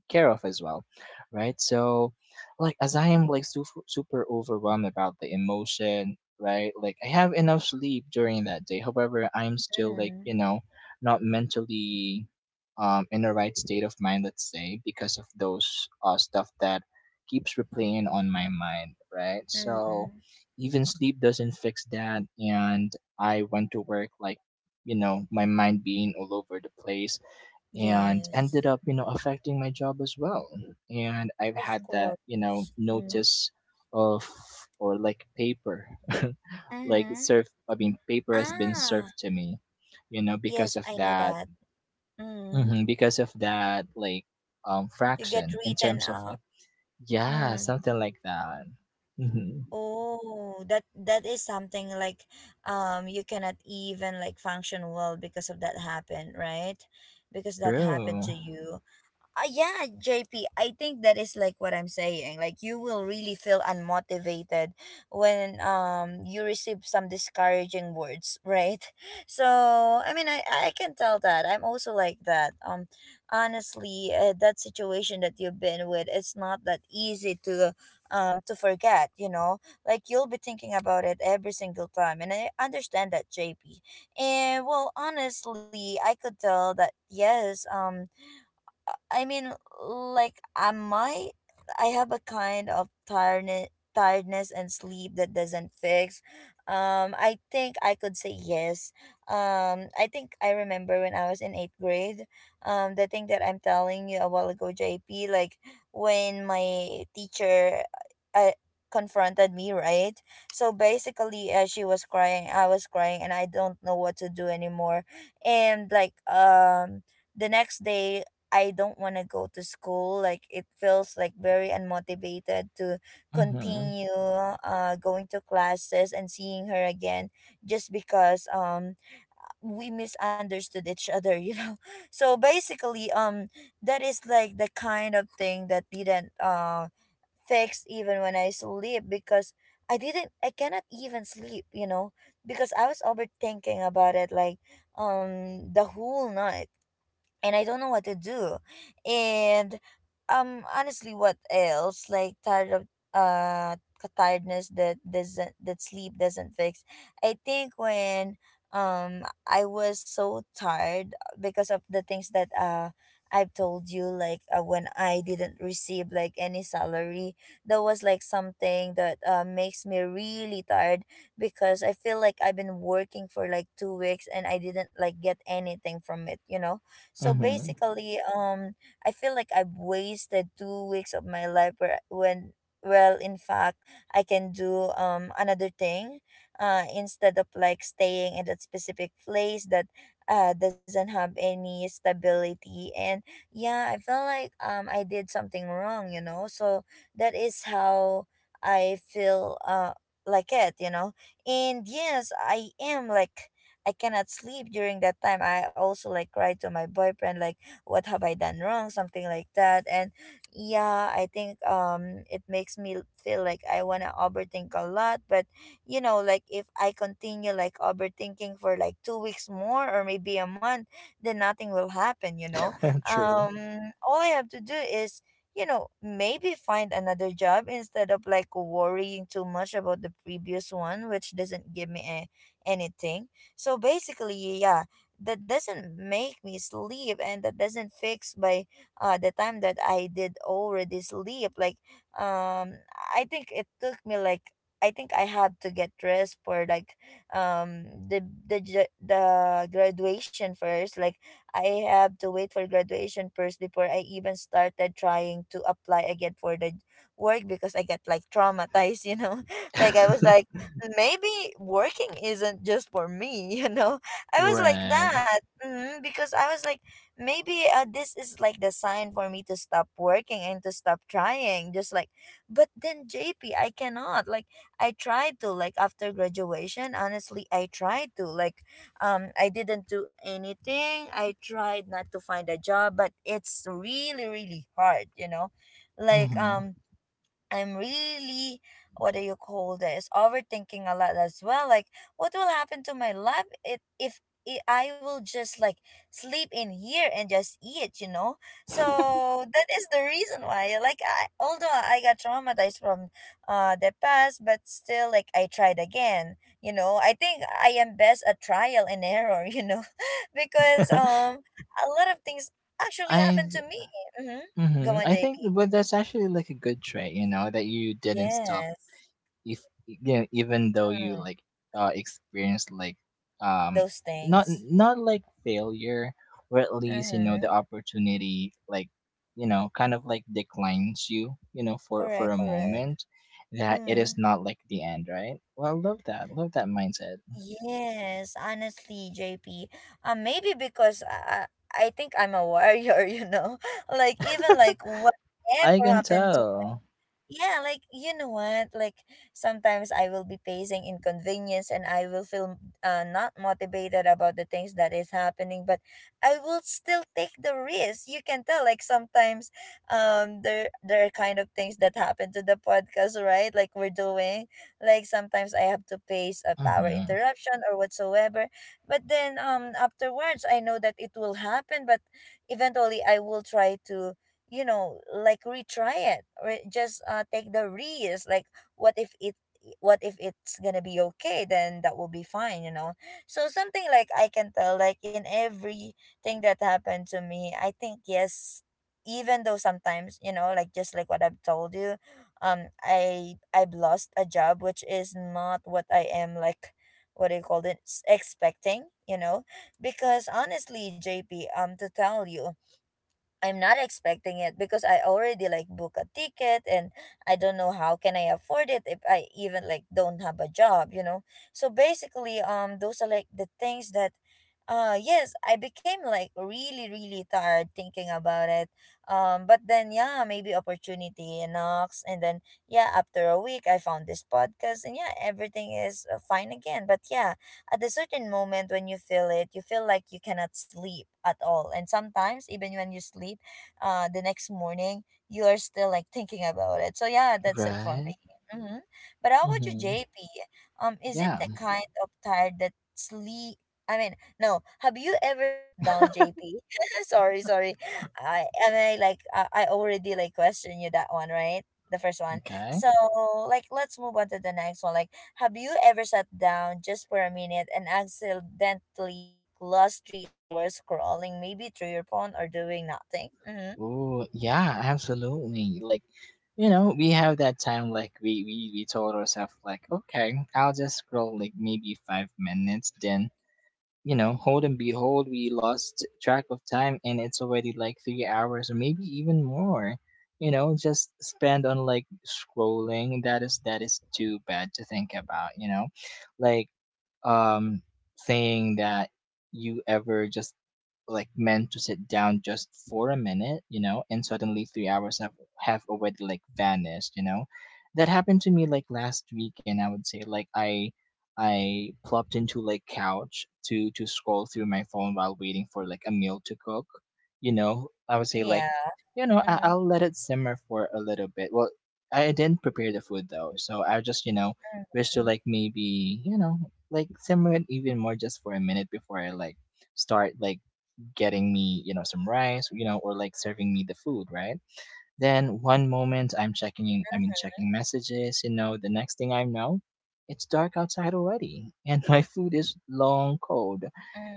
Speaker 2: care of as well, right? So, like, as I am like super, super overwhelmed about the emotion, right? Like, I have enough sleep during that day, however I am still like, you
Speaker 1: Mm.
Speaker 2: know, not mentally, in the right state of mind, let's say, because of those, stuff that keeps replaying on my mind, right? So
Speaker 1: Mm.
Speaker 2: even sleep doesn't fix that. And I went to work like, you know, my mind being all over the place, and
Speaker 1: Yes.
Speaker 2: ended up, you know, affecting my job as well. And I've
Speaker 1: Of
Speaker 2: had that, you know,
Speaker 1: course. Mm.
Speaker 2: notice of, or like paper, like
Speaker 1: Mm.
Speaker 2: surf, I mean, paper has been
Speaker 1: Ah,
Speaker 2: served to me, you know,
Speaker 1: yes,
Speaker 2: because of
Speaker 1: I know
Speaker 2: that.
Speaker 1: that. Mm.
Speaker 2: Hmm, because of that, like,
Speaker 1: You get
Speaker 2: fraction in
Speaker 1: written
Speaker 2: terms of
Speaker 1: up.
Speaker 2: like, yeah,
Speaker 1: Mm.
Speaker 2: something like that. Hmm.
Speaker 1: Oh, that that is something like you cannot even like function well because of that happened, right? Because that happened
Speaker 2: True.
Speaker 1: to you. Yeah, J P. I think that is like what I'm saying. Like you will really feel unmotivated when you receive some discouraging words, right? So, I mean, I can tell that. I'm also like that. Honestly, that situation that you've been with, it's not that easy to forget, you know? Like you'll be thinking about it every single time. And I understand that, JP. And well, honestly, I could tell that yes, I mean, like, might, I have a kind of tiredness, tiredness and sleep that doesn't fix. I think I could say yes. I think I remember when I was in eighth grade. The thing that I'm telling you a while ago, JP, like when my teacher, I confronted me, right. So basically, she was crying, I was crying, and I don't know what to do anymore. And like the next day I don't want to go to school. Like it feels like very unmotivated to
Speaker 2: Hmm.
Speaker 1: continue going to classes and seeing her again, just because we misunderstood each other, you know. So basically, that is like the kind of thing that didn't fix even when I sleep, because I cannot even sleep, you know, because I was overthinking about it like the whole night, and I don't know what to do. And honestly, what else? Like tired of uh tiredness that doesn't that sleep doesn't fix. I think when I was so tired because of the things that I've told you, like when I didn't receive like any salary, that was like something that makes me really tired, because I feel like I've been working for like 2 weeks and I didn't like get anything from it, you know? So
Speaker 2: Hmm.
Speaker 1: basically, I feel like I've wasted 2 weeks of my life where, when, well, in fact, I can do another thing, instead of like staying in that specific place that doesn't have any stability. And yeah, I feel like I did something wrong, you know. So that is how I feel like it, you know. And yes, I am like I cannot sleep during that time. I also like cry to my boyfriend like what have I done wrong, something like that. And yeah, I think it makes me feel like I want to overthink a lot, but you know, like if I continue like overthinking for like 2 weeks more or maybe a month, then nothing will happen, you know.
Speaker 2: True.
Speaker 1: Um, all I have to do is, you know, maybe find another job instead of like worrying too much about the previous one, which doesn't give me anything. So basically, yeah, that doesn't make me sleep, and that doesn't fix by the time that I did already sleep. Like, um, I think it took me like I think I had to get dressed for like the graduation first. Like I have to wait for graduation first before I even started trying to apply again for the work because I get like traumatized, you know. Like I was like maybe working isn't just for me, you know? I
Speaker 2: You're
Speaker 1: was like
Speaker 2: right.
Speaker 1: that hmm because I was like, maybe this is like the sign for me to stop working and to stop trying. Just like, but then JP, I cannot. Like, I tried to, like, after graduation, honestly, I tried to. Like, I didn't do anything. I tried not to find a job, but it's really, really hard, you know? Like,
Speaker 2: Hmm.
Speaker 1: I'm really what do you call this, overthinking a lot as well, like what will happen to my life if I I will just like sleep in here and just eat, you know. So that is the reason why like I, although I got traumatized from the past, but still like I tried again, you know. I think I am best at trial and error, you know, because a lot of things actually happened to
Speaker 2: I.
Speaker 1: me. Mm-hmm. Go
Speaker 2: Hmm,
Speaker 1: on,
Speaker 2: I
Speaker 1: JP.
Speaker 2: think, but that's actually like a good trait, you know, that you didn't stop,
Speaker 1: Yes,
Speaker 2: if, yeah, even though you like experience like, um
Speaker 1: those
Speaker 2: not
Speaker 1: things.
Speaker 2: not like failure, or at least, you know,
Speaker 1: Mm-hmm.
Speaker 2: the opportunity like, you know, kind of like declines you, you know, for
Speaker 1: Correct,
Speaker 2: a
Speaker 1: correct.
Speaker 2: moment, that it is
Speaker 1: Mm-hmm.
Speaker 2: not like the end, right? Well, I love that. Love that mindset.
Speaker 1: Yes, honestly, JP. Maybe because I think I'm a warrior, you know? Like, even like
Speaker 2: I
Speaker 1: whatever
Speaker 2: can
Speaker 1: happened.
Speaker 2: tell.
Speaker 1: Yeah, like you know what? Like sometimes I will be facing inconvenience and I will feel not motivated about the things that is happening, but I will still take the risk. You can tell like sometimes there are kind of things that happen to the podcast, right? Like we're doing. Like sometimes I have to face a power
Speaker 2: Mm-hmm.
Speaker 1: interruption or whatsoever. But then afterwards I know that it will happen, but eventually I will try to, you know, like retry it or just take the risk like what if it, what if it's gonna be okay, then that will be fine, you know. So something like, I can tell like in everything that happened to me, I think yes, even though sometimes, you know, like just like what I've told you, I've lost a job which is not what I am like, what do you call it, expecting, you know. Because honestly, JP, to tell you, I'm not expecting it because I already like book a ticket and I don't know how can I afford it if I even like don't have a job, you know. So basically, those are like the things that, yes, I became like really really tired thinking about it. But then yeah, maybe opportunity knocks, and then yeah, after a week, I found this podcast, and yeah, everything is fine again. But yeah, at a certain moment when you feel it, you feel like you cannot sleep at all. And sometimes, even when you sleep, the next morning, you are still like thinking about it. So, yeah, that's it for
Speaker 2: Right.
Speaker 1: me. Mm-hmm. But how about you,
Speaker 2: Mm-hmm.
Speaker 1: JP? Is it
Speaker 2: Yeah.
Speaker 1: the kind of tired that sleep? I mean, no. Have you ever sat down, JP? Sorry, sorry. I am I like I already like question you that one, right? The first one.
Speaker 2: Okay.
Speaker 1: So like let's move on to the next one. Like have you ever sat down just for a minute and accidentally like lost 3 hours scrolling maybe through your phone or doing nothing? Mm-hmm.
Speaker 2: Oh, yeah, absolutely. Like, you know, we have that time, like, we told ourselves, like, okay, I'll just scroll, like, maybe 5 minutes. Then, you know, hold and behold, we lost track of time and it's already like 3 hours or maybe even more. You know, just spend on like scrolling. That is too bad to think about, you know? Like, um saying that, you ever just like meant to sit down just for a minute, you know, and suddenly 3 hours have already like vanished, you know. That happened to me like last weekend. I would say like I plopped into like couch to scroll through my phone while waiting for like a meal to cook, you know. I would say
Speaker 1: Yeah.
Speaker 2: like, you know,
Speaker 1: Mm-hmm.
Speaker 2: I'll let it simmer for a little bit. Well, I didn't prepare the food though, so I just, you know, wish to
Speaker 1: Mm-hmm.
Speaker 2: like maybe, you know, like simmer it even more just for a minute before I like start like getting me, you know, some rice, you know, or like serving me the food, right? Then one moment I'm checking,
Speaker 1: Mm-hmm.
Speaker 2: checking messages, you know, the next thing I know, it's dark outside already, and my food is long cold,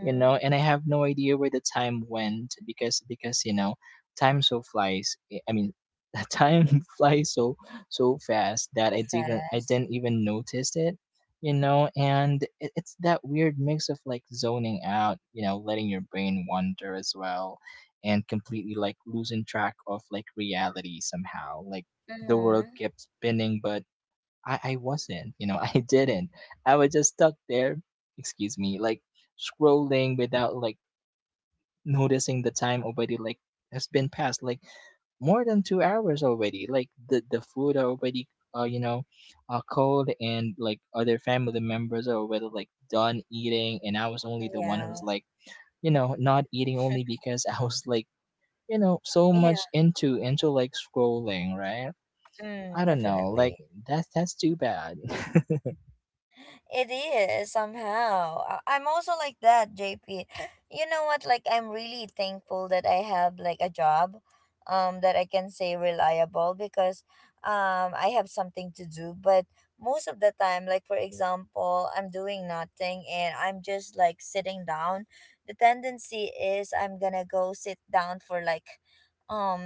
Speaker 2: you know, and I have no idea where the time went because, you know, time so flies, eh, I mean, time flies so fast that
Speaker 1: So
Speaker 2: I
Speaker 1: fast.
Speaker 2: didn't even notice it. You know, and it's that weird mix of like zoning out, you know, letting your brain wander as well and completely like losing track of like reality somehow. Like the world
Speaker 1: Mm-hmm.
Speaker 2: kept spinning, but I wasn't, you know, I didn't. I was just stuck there, excuse me, like scrolling without like noticing the time already like has been past like more than 2 hours already. Like the food are already you know, cold and like other family members are already like done eating and I was only the one who's
Speaker 1: Yeah.
Speaker 2: like, you know, not eating only because I was like you know so
Speaker 1: Yeah.
Speaker 2: much into like scrolling, right?
Speaker 1: Mm,
Speaker 2: I don't know, like
Speaker 1: definitely.
Speaker 2: that's too bad.
Speaker 1: It is somehow. I'm also like that, JP. You know what? Like I'm really thankful that I have like a job that I can say reliable because I have something to do, but most of the time, like for example, I'm doing nothing and I'm just like sitting down. The tendency is I'm going to go sit down for like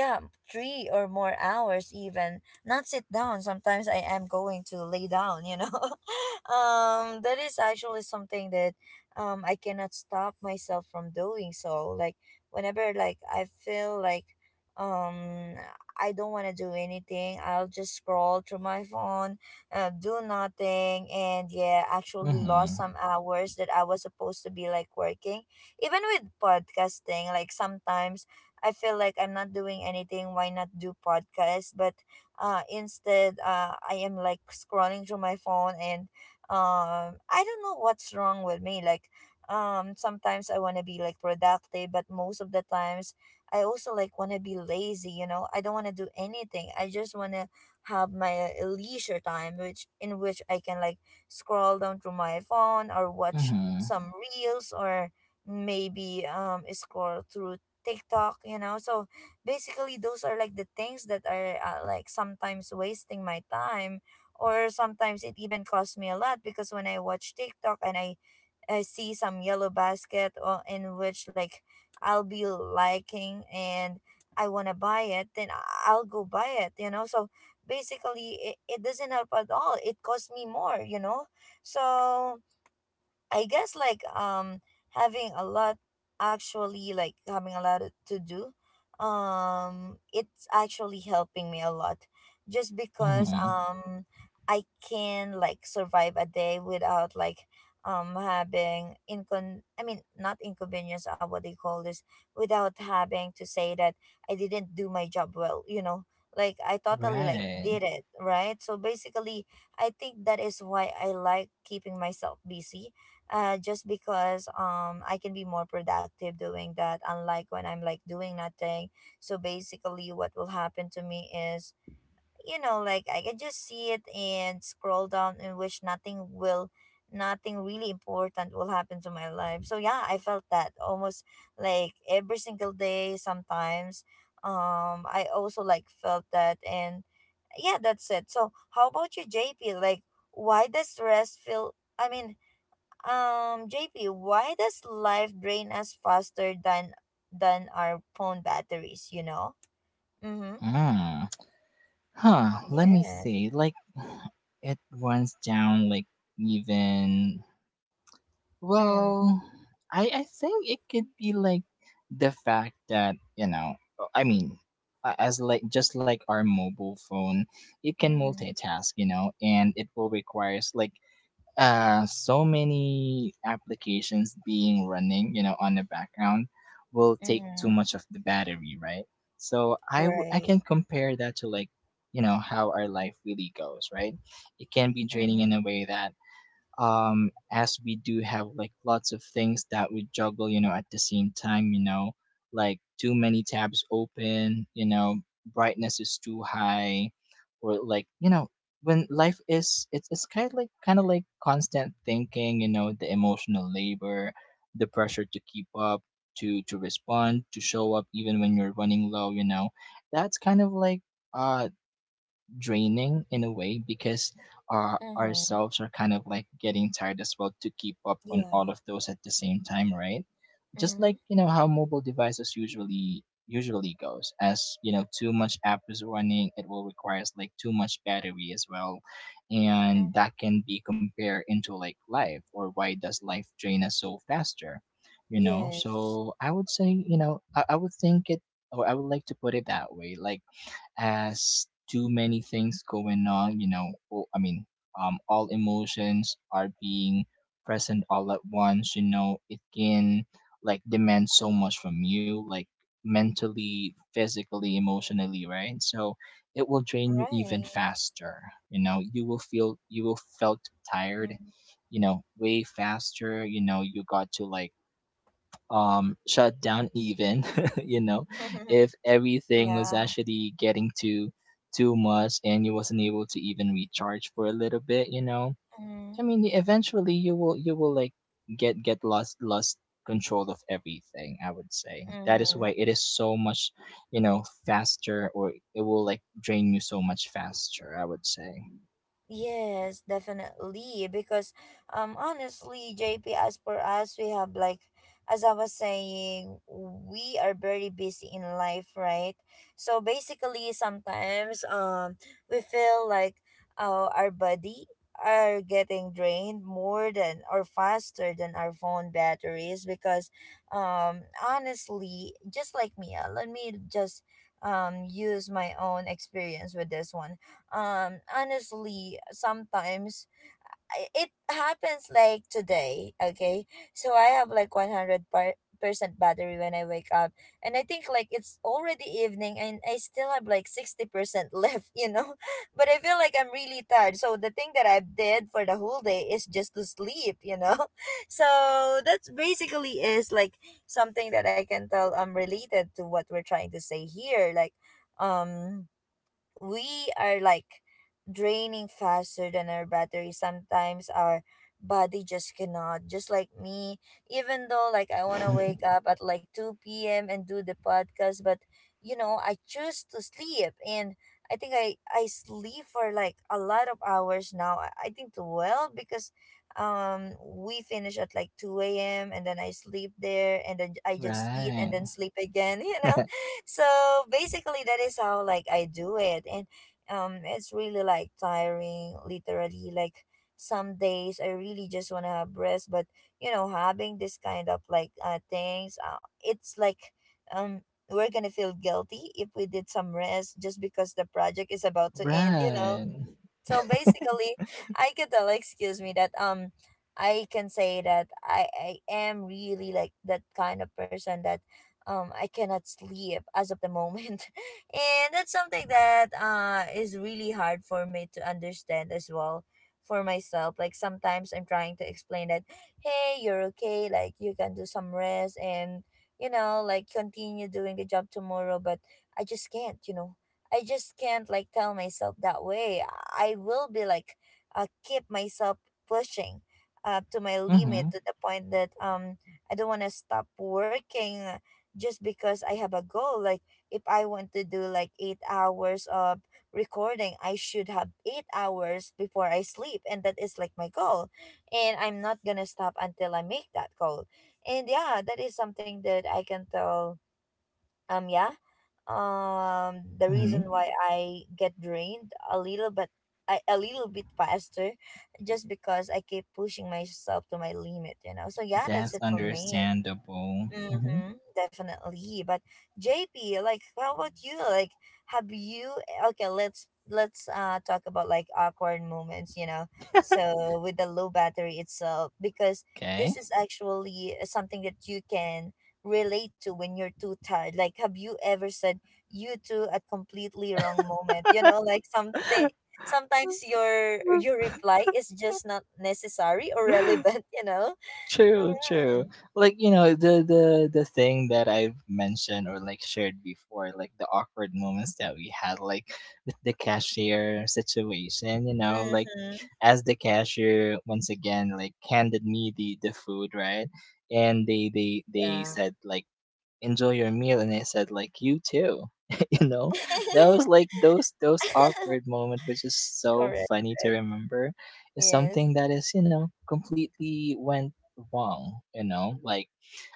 Speaker 1: yeah, 3 or more hours even. Not sit down. Sometimes I am going to lay down, you know. That is actually something that I cannot stop myself from doing, so like whenever like I feel like um I don't want to do anything, I'll just scroll through my phone, do nothing, and yeah, actually lost
Speaker 2: Mm-hmm.
Speaker 1: some hours that I was supposed to be like working, even with podcasting. Like sometimes I feel like I'm not doing anything, why not do podcast, but instead I am like scrolling through my phone and I don't know what's wrong with me. Like sometimes I want to be like productive, but most of the times I also like want to be lazy, you know. I don't want to do anything, I just want to have my leisure time, which in which I can like scroll down through my phone or watch
Speaker 2: Mm-hmm.
Speaker 1: some reels or maybe scroll through TikTok, you know. So basically those are like the things that are like sometimes wasting my time, or sometimes it even costs me a lot because when I watch TikTok and I see some yellow basket or in which like I'll be liking and I want to buy it, then I'll go buy it, you know. So basically, it doesn't help at all. It costs me more, you know. So I guess like having a lot having a lot to do it's actually helping me a lot just because
Speaker 2: Mm-hmm.
Speaker 1: I can like survive a day without like having incon I mean not inconvenience, what they call this, without having to say that I didn't do my job well, you know. Like I totally like
Speaker 2: Right.
Speaker 1: did it right. So basically I think that is why I like keeping myself busy, just because I can be more productive doing that, unlike when I'm like doing nothing. So basically what will happen to me is, you know, like I can just see it and scroll down and wish nothing really important will happen to my life. So yeah, I felt that almost like every single day. Sometimes I also like felt that, and yeah, that's it. So how about you, JP? Like why does rest feel I mean JP, why does life drain us faster than our phone batteries, you know? Mm-hmm.
Speaker 2: Mm. Huh, let me
Speaker 1: Yes.
Speaker 2: see, like it runs down like even,
Speaker 1: Mm.
Speaker 2: well, I think it could be like the fact that you know, oh, i mean as like just like our mobile phone, it can
Speaker 1: Mm-hmm.
Speaker 2: multitask, you know, and it will requires like so many applications being running, you know, on the background will take too
Speaker 1: Mm-hmm.
Speaker 2: much of the battery, right? So I
Speaker 1: Right.
Speaker 2: can compare that to like, you know, how our life really goes, right? It can be draining
Speaker 1: Mm-hmm.
Speaker 2: in a way that as we do have like lots of things that we juggle, you know, at the same time, you know, like too many tabs open, you know, brightness is too high, or like you know when life is, it's kind of like constant thinking, you know, the emotional labor, the pressure to keep up, to respond, to show up even when you're running low, you know, that's kind of like uh draining in a way because
Speaker 1: Mm-hmm.
Speaker 2: ourselves are kind of like getting tired as well to keep up on
Speaker 1: Yeah.
Speaker 2: all of those at the same time, right? Just
Speaker 1: Mm-hmm.
Speaker 2: like you know how mobile devices usually goes, as you know too much app is running, it will requires like too much battery as well,
Speaker 1: Mm-hmm.
Speaker 2: and that can be compared into like life, or why does life drain us so faster, you know?
Speaker 1: Yes.
Speaker 2: So I would say, you know, I would think it, or I would like to put it that way, like as too many things going on, you know, all emotions are being present all at once, you know, it can like demand so much from you, like mentally, physically, emotionally, right? So it will drain you even
Speaker 1: Right.
Speaker 2: faster. You know, you will felt tired,
Speaker 1: Mm.
Speaker 2: you know, way faster. You know, you got to like shut down even, you know, if everything was
Speaker 1: Yeah.
Speaker 2: actually getting too much and you wasn't able to even recharge for a little bit, you know, I
Speaker 1: Mm-hmm.
Speaker 2: mean eventually you will, get lost control of everything, I would say. That is why
Speaker 1: Mm-hmm.
Speaker 2: it is so much, you know, faster, or it will like drain you so much faster, I would say.
Speaker 1: Yes, definitely. Because honestly, JP, as for us, we have like, as I was saying, we are very busy in life, right? So basically sometimes we feel like our body are getting drained more than or faster than our phone batteries because um honestly, just like Mia, let me just use my own experience with this one. Honestly sometimes it happens like today, okay? So I have like percent battery when I wake up, and I think like it's already evening and I still have like 60% left, you know. But I feel like I'm really tired, so the thing that I did for the whole day is just to sleep, you know. So that's basically is like something that I can tell, related to what we're trying to say here. Like um we are like draining faster than our battery. Sometimes our body just cannot, just like me, even though like I want to wake up at like 2 p.m. and do the podcast, but you know, I choose to sleep. And I think I sleep for like a lot of hours now. I think 12, because we finish at like 2 a.m. and then I sleep there and then I just eat and then
Speaker 2: Right.
Speaker 1: sleep again, you know. So basically that is how like I do it. And it's really like tiring literally. Like some days I really just want to have rest, but you know, having this kind of like things, it's like um we're gonna feel guilty if we did some rest, just because the project is about to end, you know.
Speaker 2: Right.
Speaker 1: So basically, I could tell, excuse me, that I can say that I am really like that kind of person that I cannot sleep as of the moment. And that's something that is really hard for me to understand as well for myself. Like sometimes I'm trying to explain that, "Hey, you're okay, like you can do some rest and you know, like continue doing the job tomorrow," but I just can't, you know. I just can't like tell myself that way. I will be like keep myself pushing up to my limit,
Speaker 2: Mm-hmm.
Speaker 1: to the point that I don't want to stop working, just because I have a goal. Like if I want to do like 8 hours of recording, I should have 8 hours before I sleep, and that is like my goal. And I'm not going to stop until I make that goal. And yeah, that is something that I can tell um yeah the
Speaker 2: Mm-hmm.
Speaker 1: reason why I get drained a little, but a little bit faster just because I keep pushing myself to my limit. So yeah, that's
Speaker 2: That's
Speaker 1: it for me.
Speaker 2: understandable. Mm-hmm.
Speaker 1: Mm-hmm, definitely. But JP, like, how about you? Like, have you? Okay, let's talk about like awkward moments. So with the low battery itself, because
Speaker 2: Okay.
Speaker 1: this is actually something that you can relate to when you're too tired. Like, have you ever said you to at completely wrong moment? You know, like something. Sometimes your reply is just not necessary or relevant. You know.
Speaker 2: True, true.
Speaker 1: Mm-hmm.
Speaker 2: Like, you know, the thing that I've mentioned or like shared before, like the awkward moments that we had like with the cashier situation, you know, like
Speaker 1: Mm-hmm.
Speaker 2: as the cashier once again like handed me the food, right? And they
Speaker 1: Yeah.
Speaker 2: said like enjoy your meal, and I said like you too. You know, that was like those awkward moment, which is so
Speaker 1: Correct.
Speaker 2: funny to
Speaker 1: Correct.
Speaker 2: remember, is
Speaker 1: Yes.
Speaker 2: something that is, you know, completely went wrong, you know, like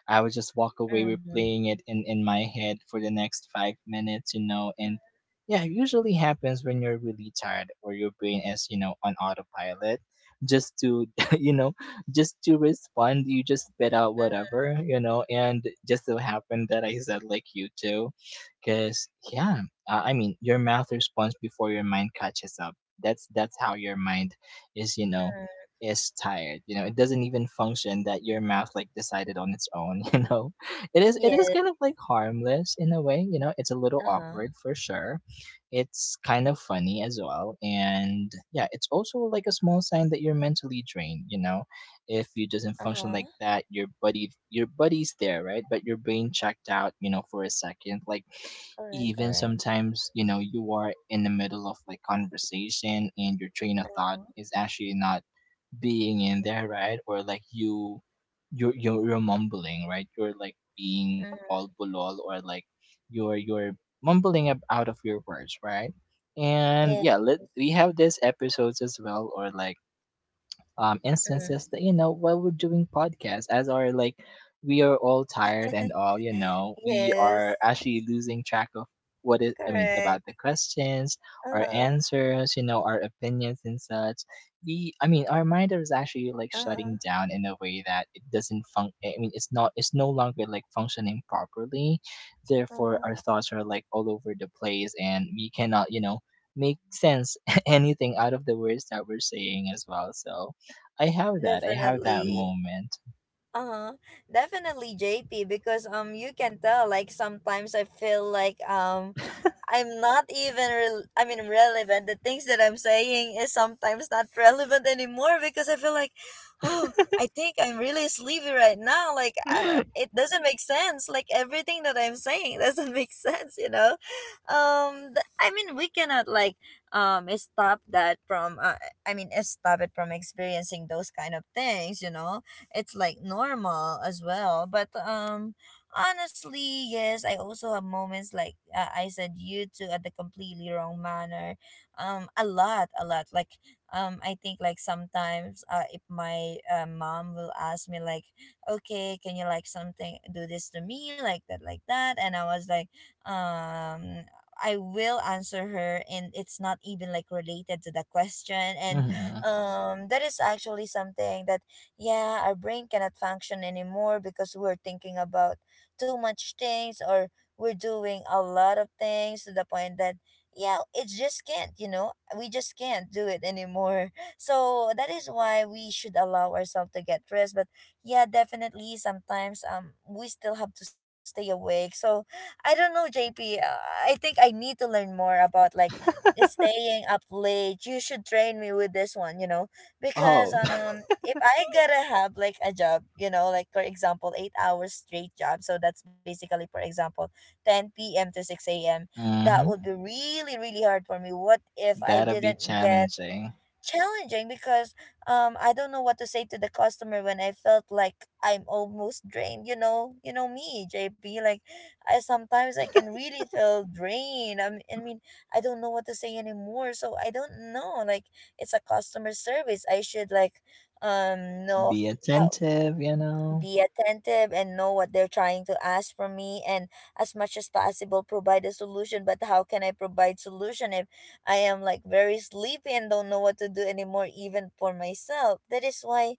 Speaker 2: I would just walk away
Speaker 1: Mm-hmm.
Speaker 2: replaying it in my head for the next 5 minutes, you know. And yeah, it usually happens when you're really tired or your brain is, you know, on autopilot. Just to, you know, just to respond, you just spit out
Speaker 1: Mm-hmm.
Speaker 2: whatever, you know. And just so happened that I said, like, you too. Because, yeah, your mouth responds before your mind catches up. That's how your mind is, you know, is tired, you know, it doesn't even function, that your mouth like decided on its own. You know, it is
Speaker 1: Yes.
Speaker 2: kind of like harmless in a way, you know, it's a little
Speaker 1: Uh-huh.
Speaker 2: awkward for sure, it's kind of funny as well, and yeah, it's also like a small sign that you're mentally drained, you know. If you doesn't function like
Speaker 1: Uh-huh.
Speaker 2: that, your buddy, your buddy's there, right? But your brain checked out, you know, for a second, like
Speaker 1: Correct,
Speaker 2: even
Speaker 1: correct.
Speaker 2: sometimes you know you are in the middle of like conversation and your train of thought is actually not being in there, right? Or like you're mumbling, right? You're like being all
Speaker 1: Mm-hmm.
Speaker 2: bulol, or like you're mumbling up out of your words, right? And yeah,
Speaker 1: Yes.
Speaker 2: we have these episodes as well, or like
Speaker 1: Mm.
Speaker 2: instances that you know while we're doing podcasts, as are like we are all tired and all, you know, we
Speaker 1: Yes.
Speaker 2: are actually losing track of what is I mean about
Speaker 1: Correct.
Speaker 2: the questions, our
Speaker 1: Uh-huh.
Speaker 2: answers, you know, our opinions and such. The I mean Our mind is actually like
Speaker 1: Uh-huh.
Speaker 2: shutting down in a way that it doesn't func. I mean it's not, it's no longer like functioning properly. Therefore, our
Speaker 1: Uh-huh.
Speaker 2: thoughts are like all over the place, and we cannot, you know, make sense anything out of the words that we're saying as well. So I have that. I have that
Speaker 1: Definitely.
Speaker 2: moment.
Speaker 1: Uh-huh. Definitely, JP, because you can tell, like sometimes I feel like I'm not even I mean relevant. The things that I'm saying is sometimes not relevant anymore because I feel like, oh, I think I'm really sleepy right now. Like it doesn't make sense. Like everything that I'm saying doesn't make sense, you know? I mean we cannot like stop that from I mean stop it from experiencing those kind of things, you know? It's like normal as well, but honestly, yes, I also have moments. Like I said you to at the completely wrong manner a lot a lot. Like I think, like sometimes, if my mom will ask me like, okay, can you like something, do this to me, like that, like that, and I was like um I will answer her and it's not even like related to the question. And
Speaker 2: Hmm.
Speaker 1: that is actually something that, yeah, our brain cannot function anymore because we're thinking about too much things, or we're doing a lot of things to the point that, yeah, it just can't. We just can't do it anymore. So that is why we should allow ourselves to get rest. But yeah, definitely sometimes we still have to stay awake. So I don't know, JP. I think I need to learn more about like staying up late. You should train me with this one, because
Speaker 2: Oh.
Speaker 1: if I gotta have like a job, you know, like for example, 8 hours straight job, so that's basically, for example, 10 p.m. to 6 a.m. That
Speaker 2: Hmm,
Speaker 1: would be really really hard for me. What if I
Speaker 2: that'll be
Speaker 1: didn't get
Speaker 2: challenging.
Speaker 1: challenging, because I don't know what to say to the customer when I felt like I'm almost drained. You know me, JP. Like I sometimes I can really feel drained. I mean, I don't know what to say anymore. So I don't know. Like it's a customer service. I should like know
Speaker 2: Be
Speaker 1: how,
Speaker 2: attentive, you know.
Speaker 1: be attentive and know what they're trying to ask from me, and as much as possible provide a solution. But how can I provide solution if I am like very sleepy and don't know what to do anymore, even for myself? That is why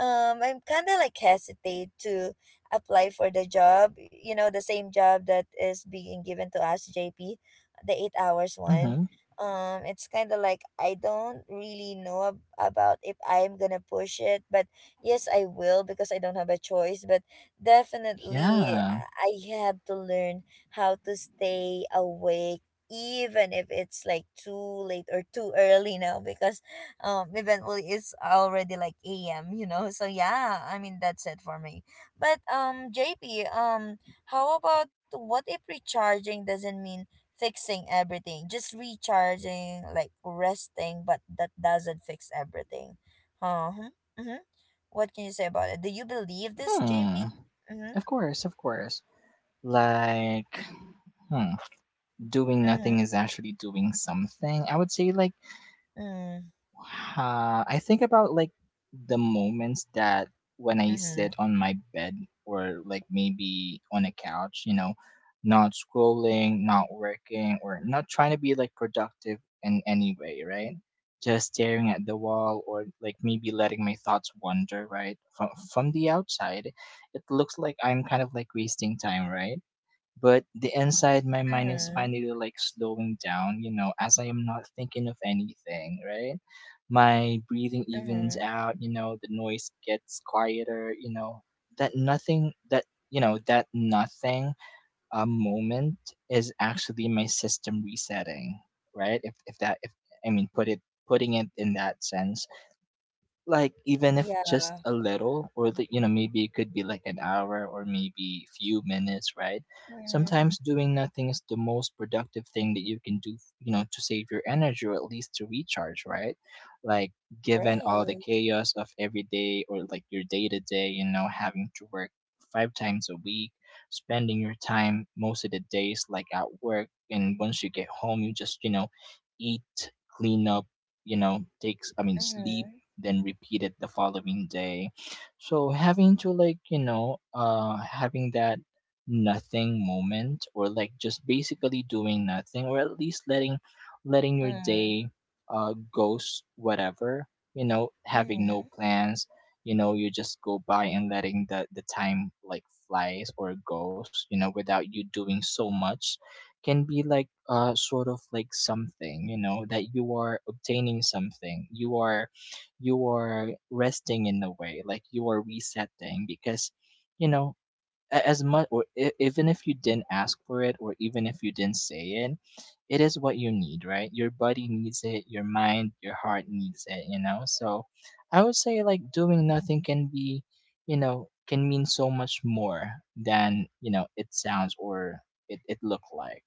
Speaker 1: I'm kind of like hesitate to apply for the job, you know, the same job that is being given to us, JP, the 8 hours one.
Speaker 2: Hmm.
Speaker 1: It's kind of like I don't really know about if I'm gonna push it, but yes, I will, because I don't have a choice. But definitely
Speaker 2: Yeah.
Speaker 1: I have to learn how to stay awake, even if it's like too late or too early now, because eventually it's already like AM. So yeah, I mean, that's it for me. But JP, how about, what if recharging doesn't mean fixing everything, just recharging, like resting, but that doesn't fix everything? Uh-huh. Mm-hmm. What can you say about it? Do you believe this,
Speaker 2: Hmm.
Speaker 1: JP? Mm-hmm.
Speaker 2: Of course, of course. Like, hmm, doing nothing
Speaker 1: Mm-hmm.
Speaker 2: is actually doing something. I would say like, uh, I think about like the moments that when I
Speaker 1: Mm-hmm.
Speaker 2: sit on my bed or like maybe on a couch, you know, not scrolling, not working, or not trying to be like productive in any way, right? Just staring at the wall or like maybe letting my thoughts wander, right? From the outside, it looks like I'm kind of like wasting time, right? But the inside my mind is
Speaker 1: Mm-hmm.
Speaker 2: finally like slowing down, you know, as I am not thinking of anything, right? My breathing evens
Speaker 1: Mm-hmm.
Speaker 2: out, you know, the noise gets quieter, you know, that nothing, that, you know, that nothing, moment is actually my system resetting, right? If that if I mean put it putting it in that sense, like even if just
Speaker 1: Yeah.
Speaker 2: a little, or the, you know, maybe it could be like an hour or maybe few minutes, right?
Speaker 1: Mm-hmm.
Speaker 2: Sometimes doing nothing is the most productive thing that you can do, you know, to save your energy, or at least to recharge, right? Like given all the
Speaker 1: Right.
Speaker 2: chaos of every day, or like your day to day, you know, having to work five times a week, spending your time most of the days like at work, and once you get home you just, you know, eat, clean up, you know, takes I mean
Speaker 1: Mm-hmm.
Speaker 2: sleep, then repeat it the following day. So having to like, you know, having that nothing moment, or like just basically doing nothing, or at least letting your day goes whatever, you know, having no
Speaker 1: Mm-hmm.
Speaker 2: plans, you know, you just go by and letting the time like flies or goes, you know, without you doing so much, can be like sort of like something, you know, that you are obtaining something, you are, you are resting in a way, like you are resetting, because, you know, as much, or even if you didn't ask for it, or even if you didn't say it, it is what you need, right? Your body needs it, your mind, your heart needs it, you know? So I would say like doing nothing can be, you know, can mean so much more than, you know, it sounds or it look like.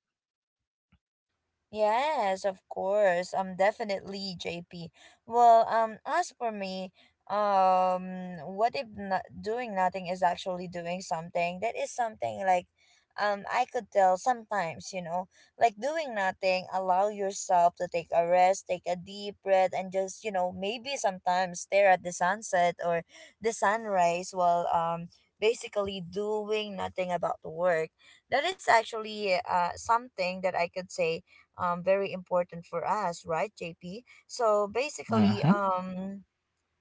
Speaker 1: Yes, of course. Definitely, JP. Well, as for me, what if not doing nothing is actually doing something? That is something like, I could tell sometimes, like doing nothing, allow yourself to take a rest, take a deep breath, and just, maybe sometimes stare at the sunset or the sunrise while, basically doing nothing about the work. That is actually, something that I could say, very important for us, right, JP? So basically,
Speaker 2: Hmm.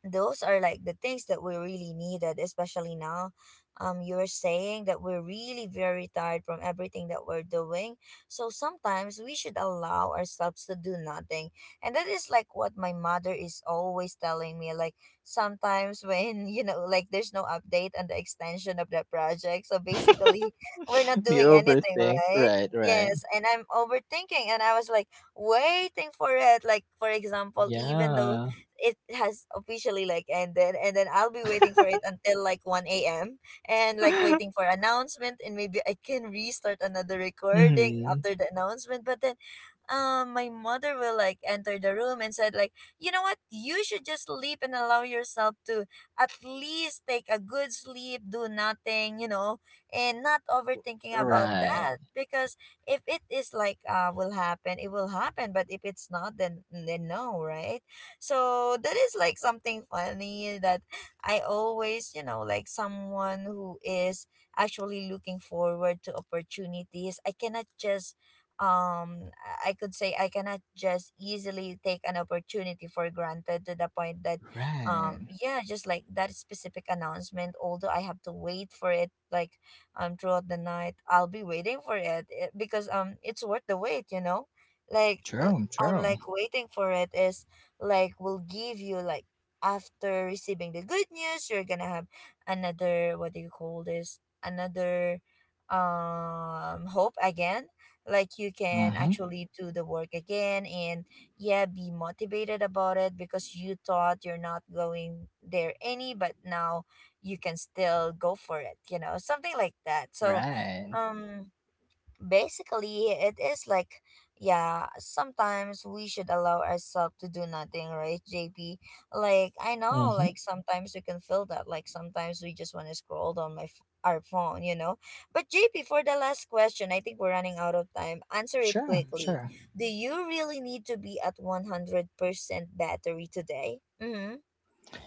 Speaker 1: those are like the things that we really needed, especially now. You were saying that we're really very tired from everything that we're doing, so sometimes we should allow ourselves to do nothing. And that is like what my mother is always telling me, like sometimes when like there's no update on the extension of the project, so basically we're not
Speaker 2: We
Speaker 1: doing anything,
Speaker 2: overthink.
Speaker 1: right?
Speaker 2: Right, right.
Speaker 1: Yes, and I'm overthinking, and I was like waiting for it, like for example, even though
Speaker 2: Yeah.
Speaker 1: it has officially like ended, and then I'll be waiting for it until like 1 a.m. and like waiting for announcement, and maybe I can restart another recording
Speaker 2: Mhm.
Speaker 1: after the announcement. But then my mother will like enter the room and said like, you know what, you should just sleep and allow yourself to at least take a good sleep, do nothing, and not overthinking about
Speaker 2: Right,
Speaker 1: that, because if it is like will happen, it will happen, but if it's not, then no, right? So that is like something funny, that I always, like someone who is actually looking forward to opportunities. I cannot just um I could say, I cannot just easily take an opportunity for granted, to the point that
Speaker 2: right.
Speaker 1: yeah, just like that specific announcement, although I have to wait for it like throughout the night, I'll be waiting for it, because it's worth the wait, you know? Like
Speaker 2: True,
Speaker 1: I'm
Speaker 2: true.
Speaker 1: like waiting for it is like will give you like, after receiving the good news, you're gonna have another, what do you call this, another hope again, like you can
Speaker 2: Mm-hmm.
Speaker 1: actually do the work again and, yeah, be motivated about it because you thought you're not going there any, but now you can still go for it, something like that. So
Speaker 2: Right.
Speaker 1: um basically it is like, yeah, sometimes we should allow ourselves to do nothing, right, JP? Like I know,
Speaker 2: Mm-hmm.
Speaker 1: like sometimes we can feel that, like sometimes we just want to scroll down our phone. But JP, for the last question, I think we're running out of time. Answer it
Speaker 2: Sure,
Speaker 1: quickly.
Speaker 2: sure.
Speaker 1: Do you really need to be at 100% battery today? Mm-hmm.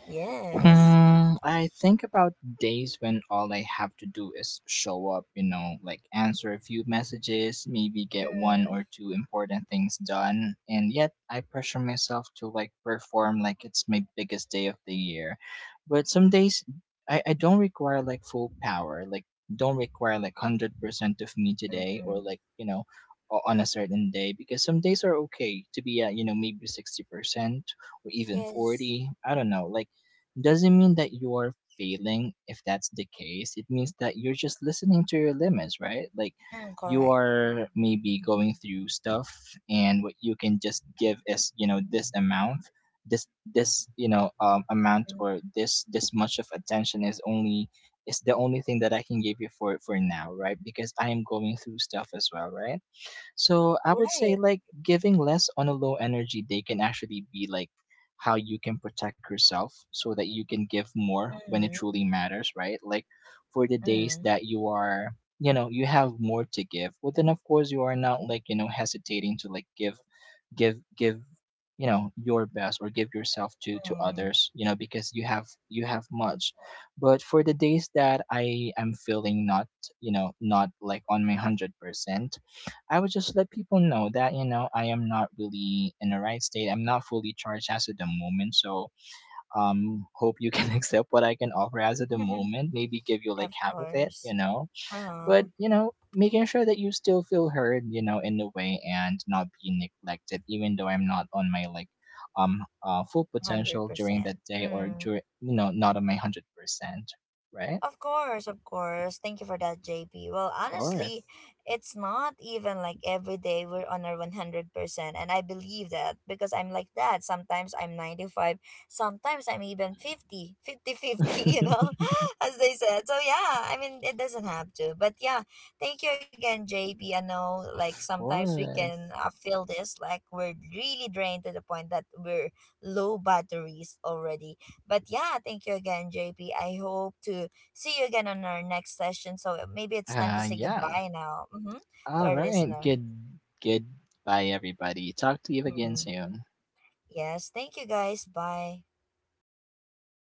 Speaker 1: Yes.
Speaker 2: Hmm, I think about days when all I have to do is show up, you know, like answer a few messages, maybe get one
Speaker 1: Mm-hmm,
Speaker 2: or two important things done, and yet I pressure myself to like perform like it's my biggest day of the year. But some days I don't require like full power, like don't require like 100% of me today, or
Speaker 1: mm-hmm.
Speaker 2: like, you know, on a certain day, because some days are okay to be at, you know, maybe 60% or even
Speaker 1: Yes.
Speaker 2: 40. I don't know. Like doesn't mean that you're failing if that's the case, it means that you're just listening to your limits, right? Like
Speaker 1: Mm,
Speaker 2: you
Speaker 1: correct.
Speaker 2: are maybe going through stuff, and what you can just give is, you know, this amount, this this, you know, amount,
Speaker 1: Mm,
Speaker 2: or this much of attention is only, is the only thing that I can give you for now, right? Because I am going through stuff as well, right? So I would
Speaker 1: right.
Speaker 2: say like giving less on a low energy day can actually be like how you can protect yourself so that you can give more when it
Speaker 1: Mm-hmm.
Speaker 2: truly matters, right? Like for the days
Speaker 1: Mm-hmm.
Speaker 2: that you are, you know, you have more to give, well then of course you are not like, you know, hesitating to like give, you know, your best, or give yourself to
Speaker 1: Mm.
Speaker 2: others, you know, because you have, you have much. But for the days that I am feeling not, you know, not like on my 100%, I would just let people know that, you know, I am not really in the right state, I'm not fully charged as of the moment, so hope you can accept what I can offer as of the moment, maybe give you like
Speaker 1: Of
Speaker 2: half of it, you
Speaker 1: course.
Speaker 2: know.
Speaker 1: Uh-huh.
Speaker 2: But you know, making sure that you still feel heard, you know, in a way, and not being neglected even though I'm not on my like full potential during that
Speaker 1: 100%.
Speaker 2: day, or
Speaker 1: Mm.
Speaker 2: during, you know, not on my 100%, right?
Speaker 1: Of course, of course. Thank you for that, JP. Well,
Speaker 2: Of
Speaker 1: honestly,
Speaker 2: course.
Speaker 1: it's not even like every day we're on our 100%. And I believe that because I'm like that. Sometimes I'm 95, sometimes I'm even 50 50 50. You know, as they said. So, yeah, I mean, it doesn't have to. But yeah, thank you again, J P. I know like
Speaker 2: Of
Speaker 1: sometimes we
Speaker 2: course.
Speaker 1: can feel this, like we're really drained to the point that we're low batteries already. But yeah, thank you again, J P. I hope to see you again on our next session. So maybe it's time to
Speaker 2: Uh,
Speaker 1: say
Speaker 2: yeah,
Speaker 1: goodbye now, to
Speaker 2: all
Speaker 1: our
Speaker 2: right,
Speaker 1: listener.
Speaker 2: good. Goodbye, everybody, talk to you again
Speaker 1: Mhm.
Speaker 2: soon.
Speaker 1: Yes. Thank you guys. Bye.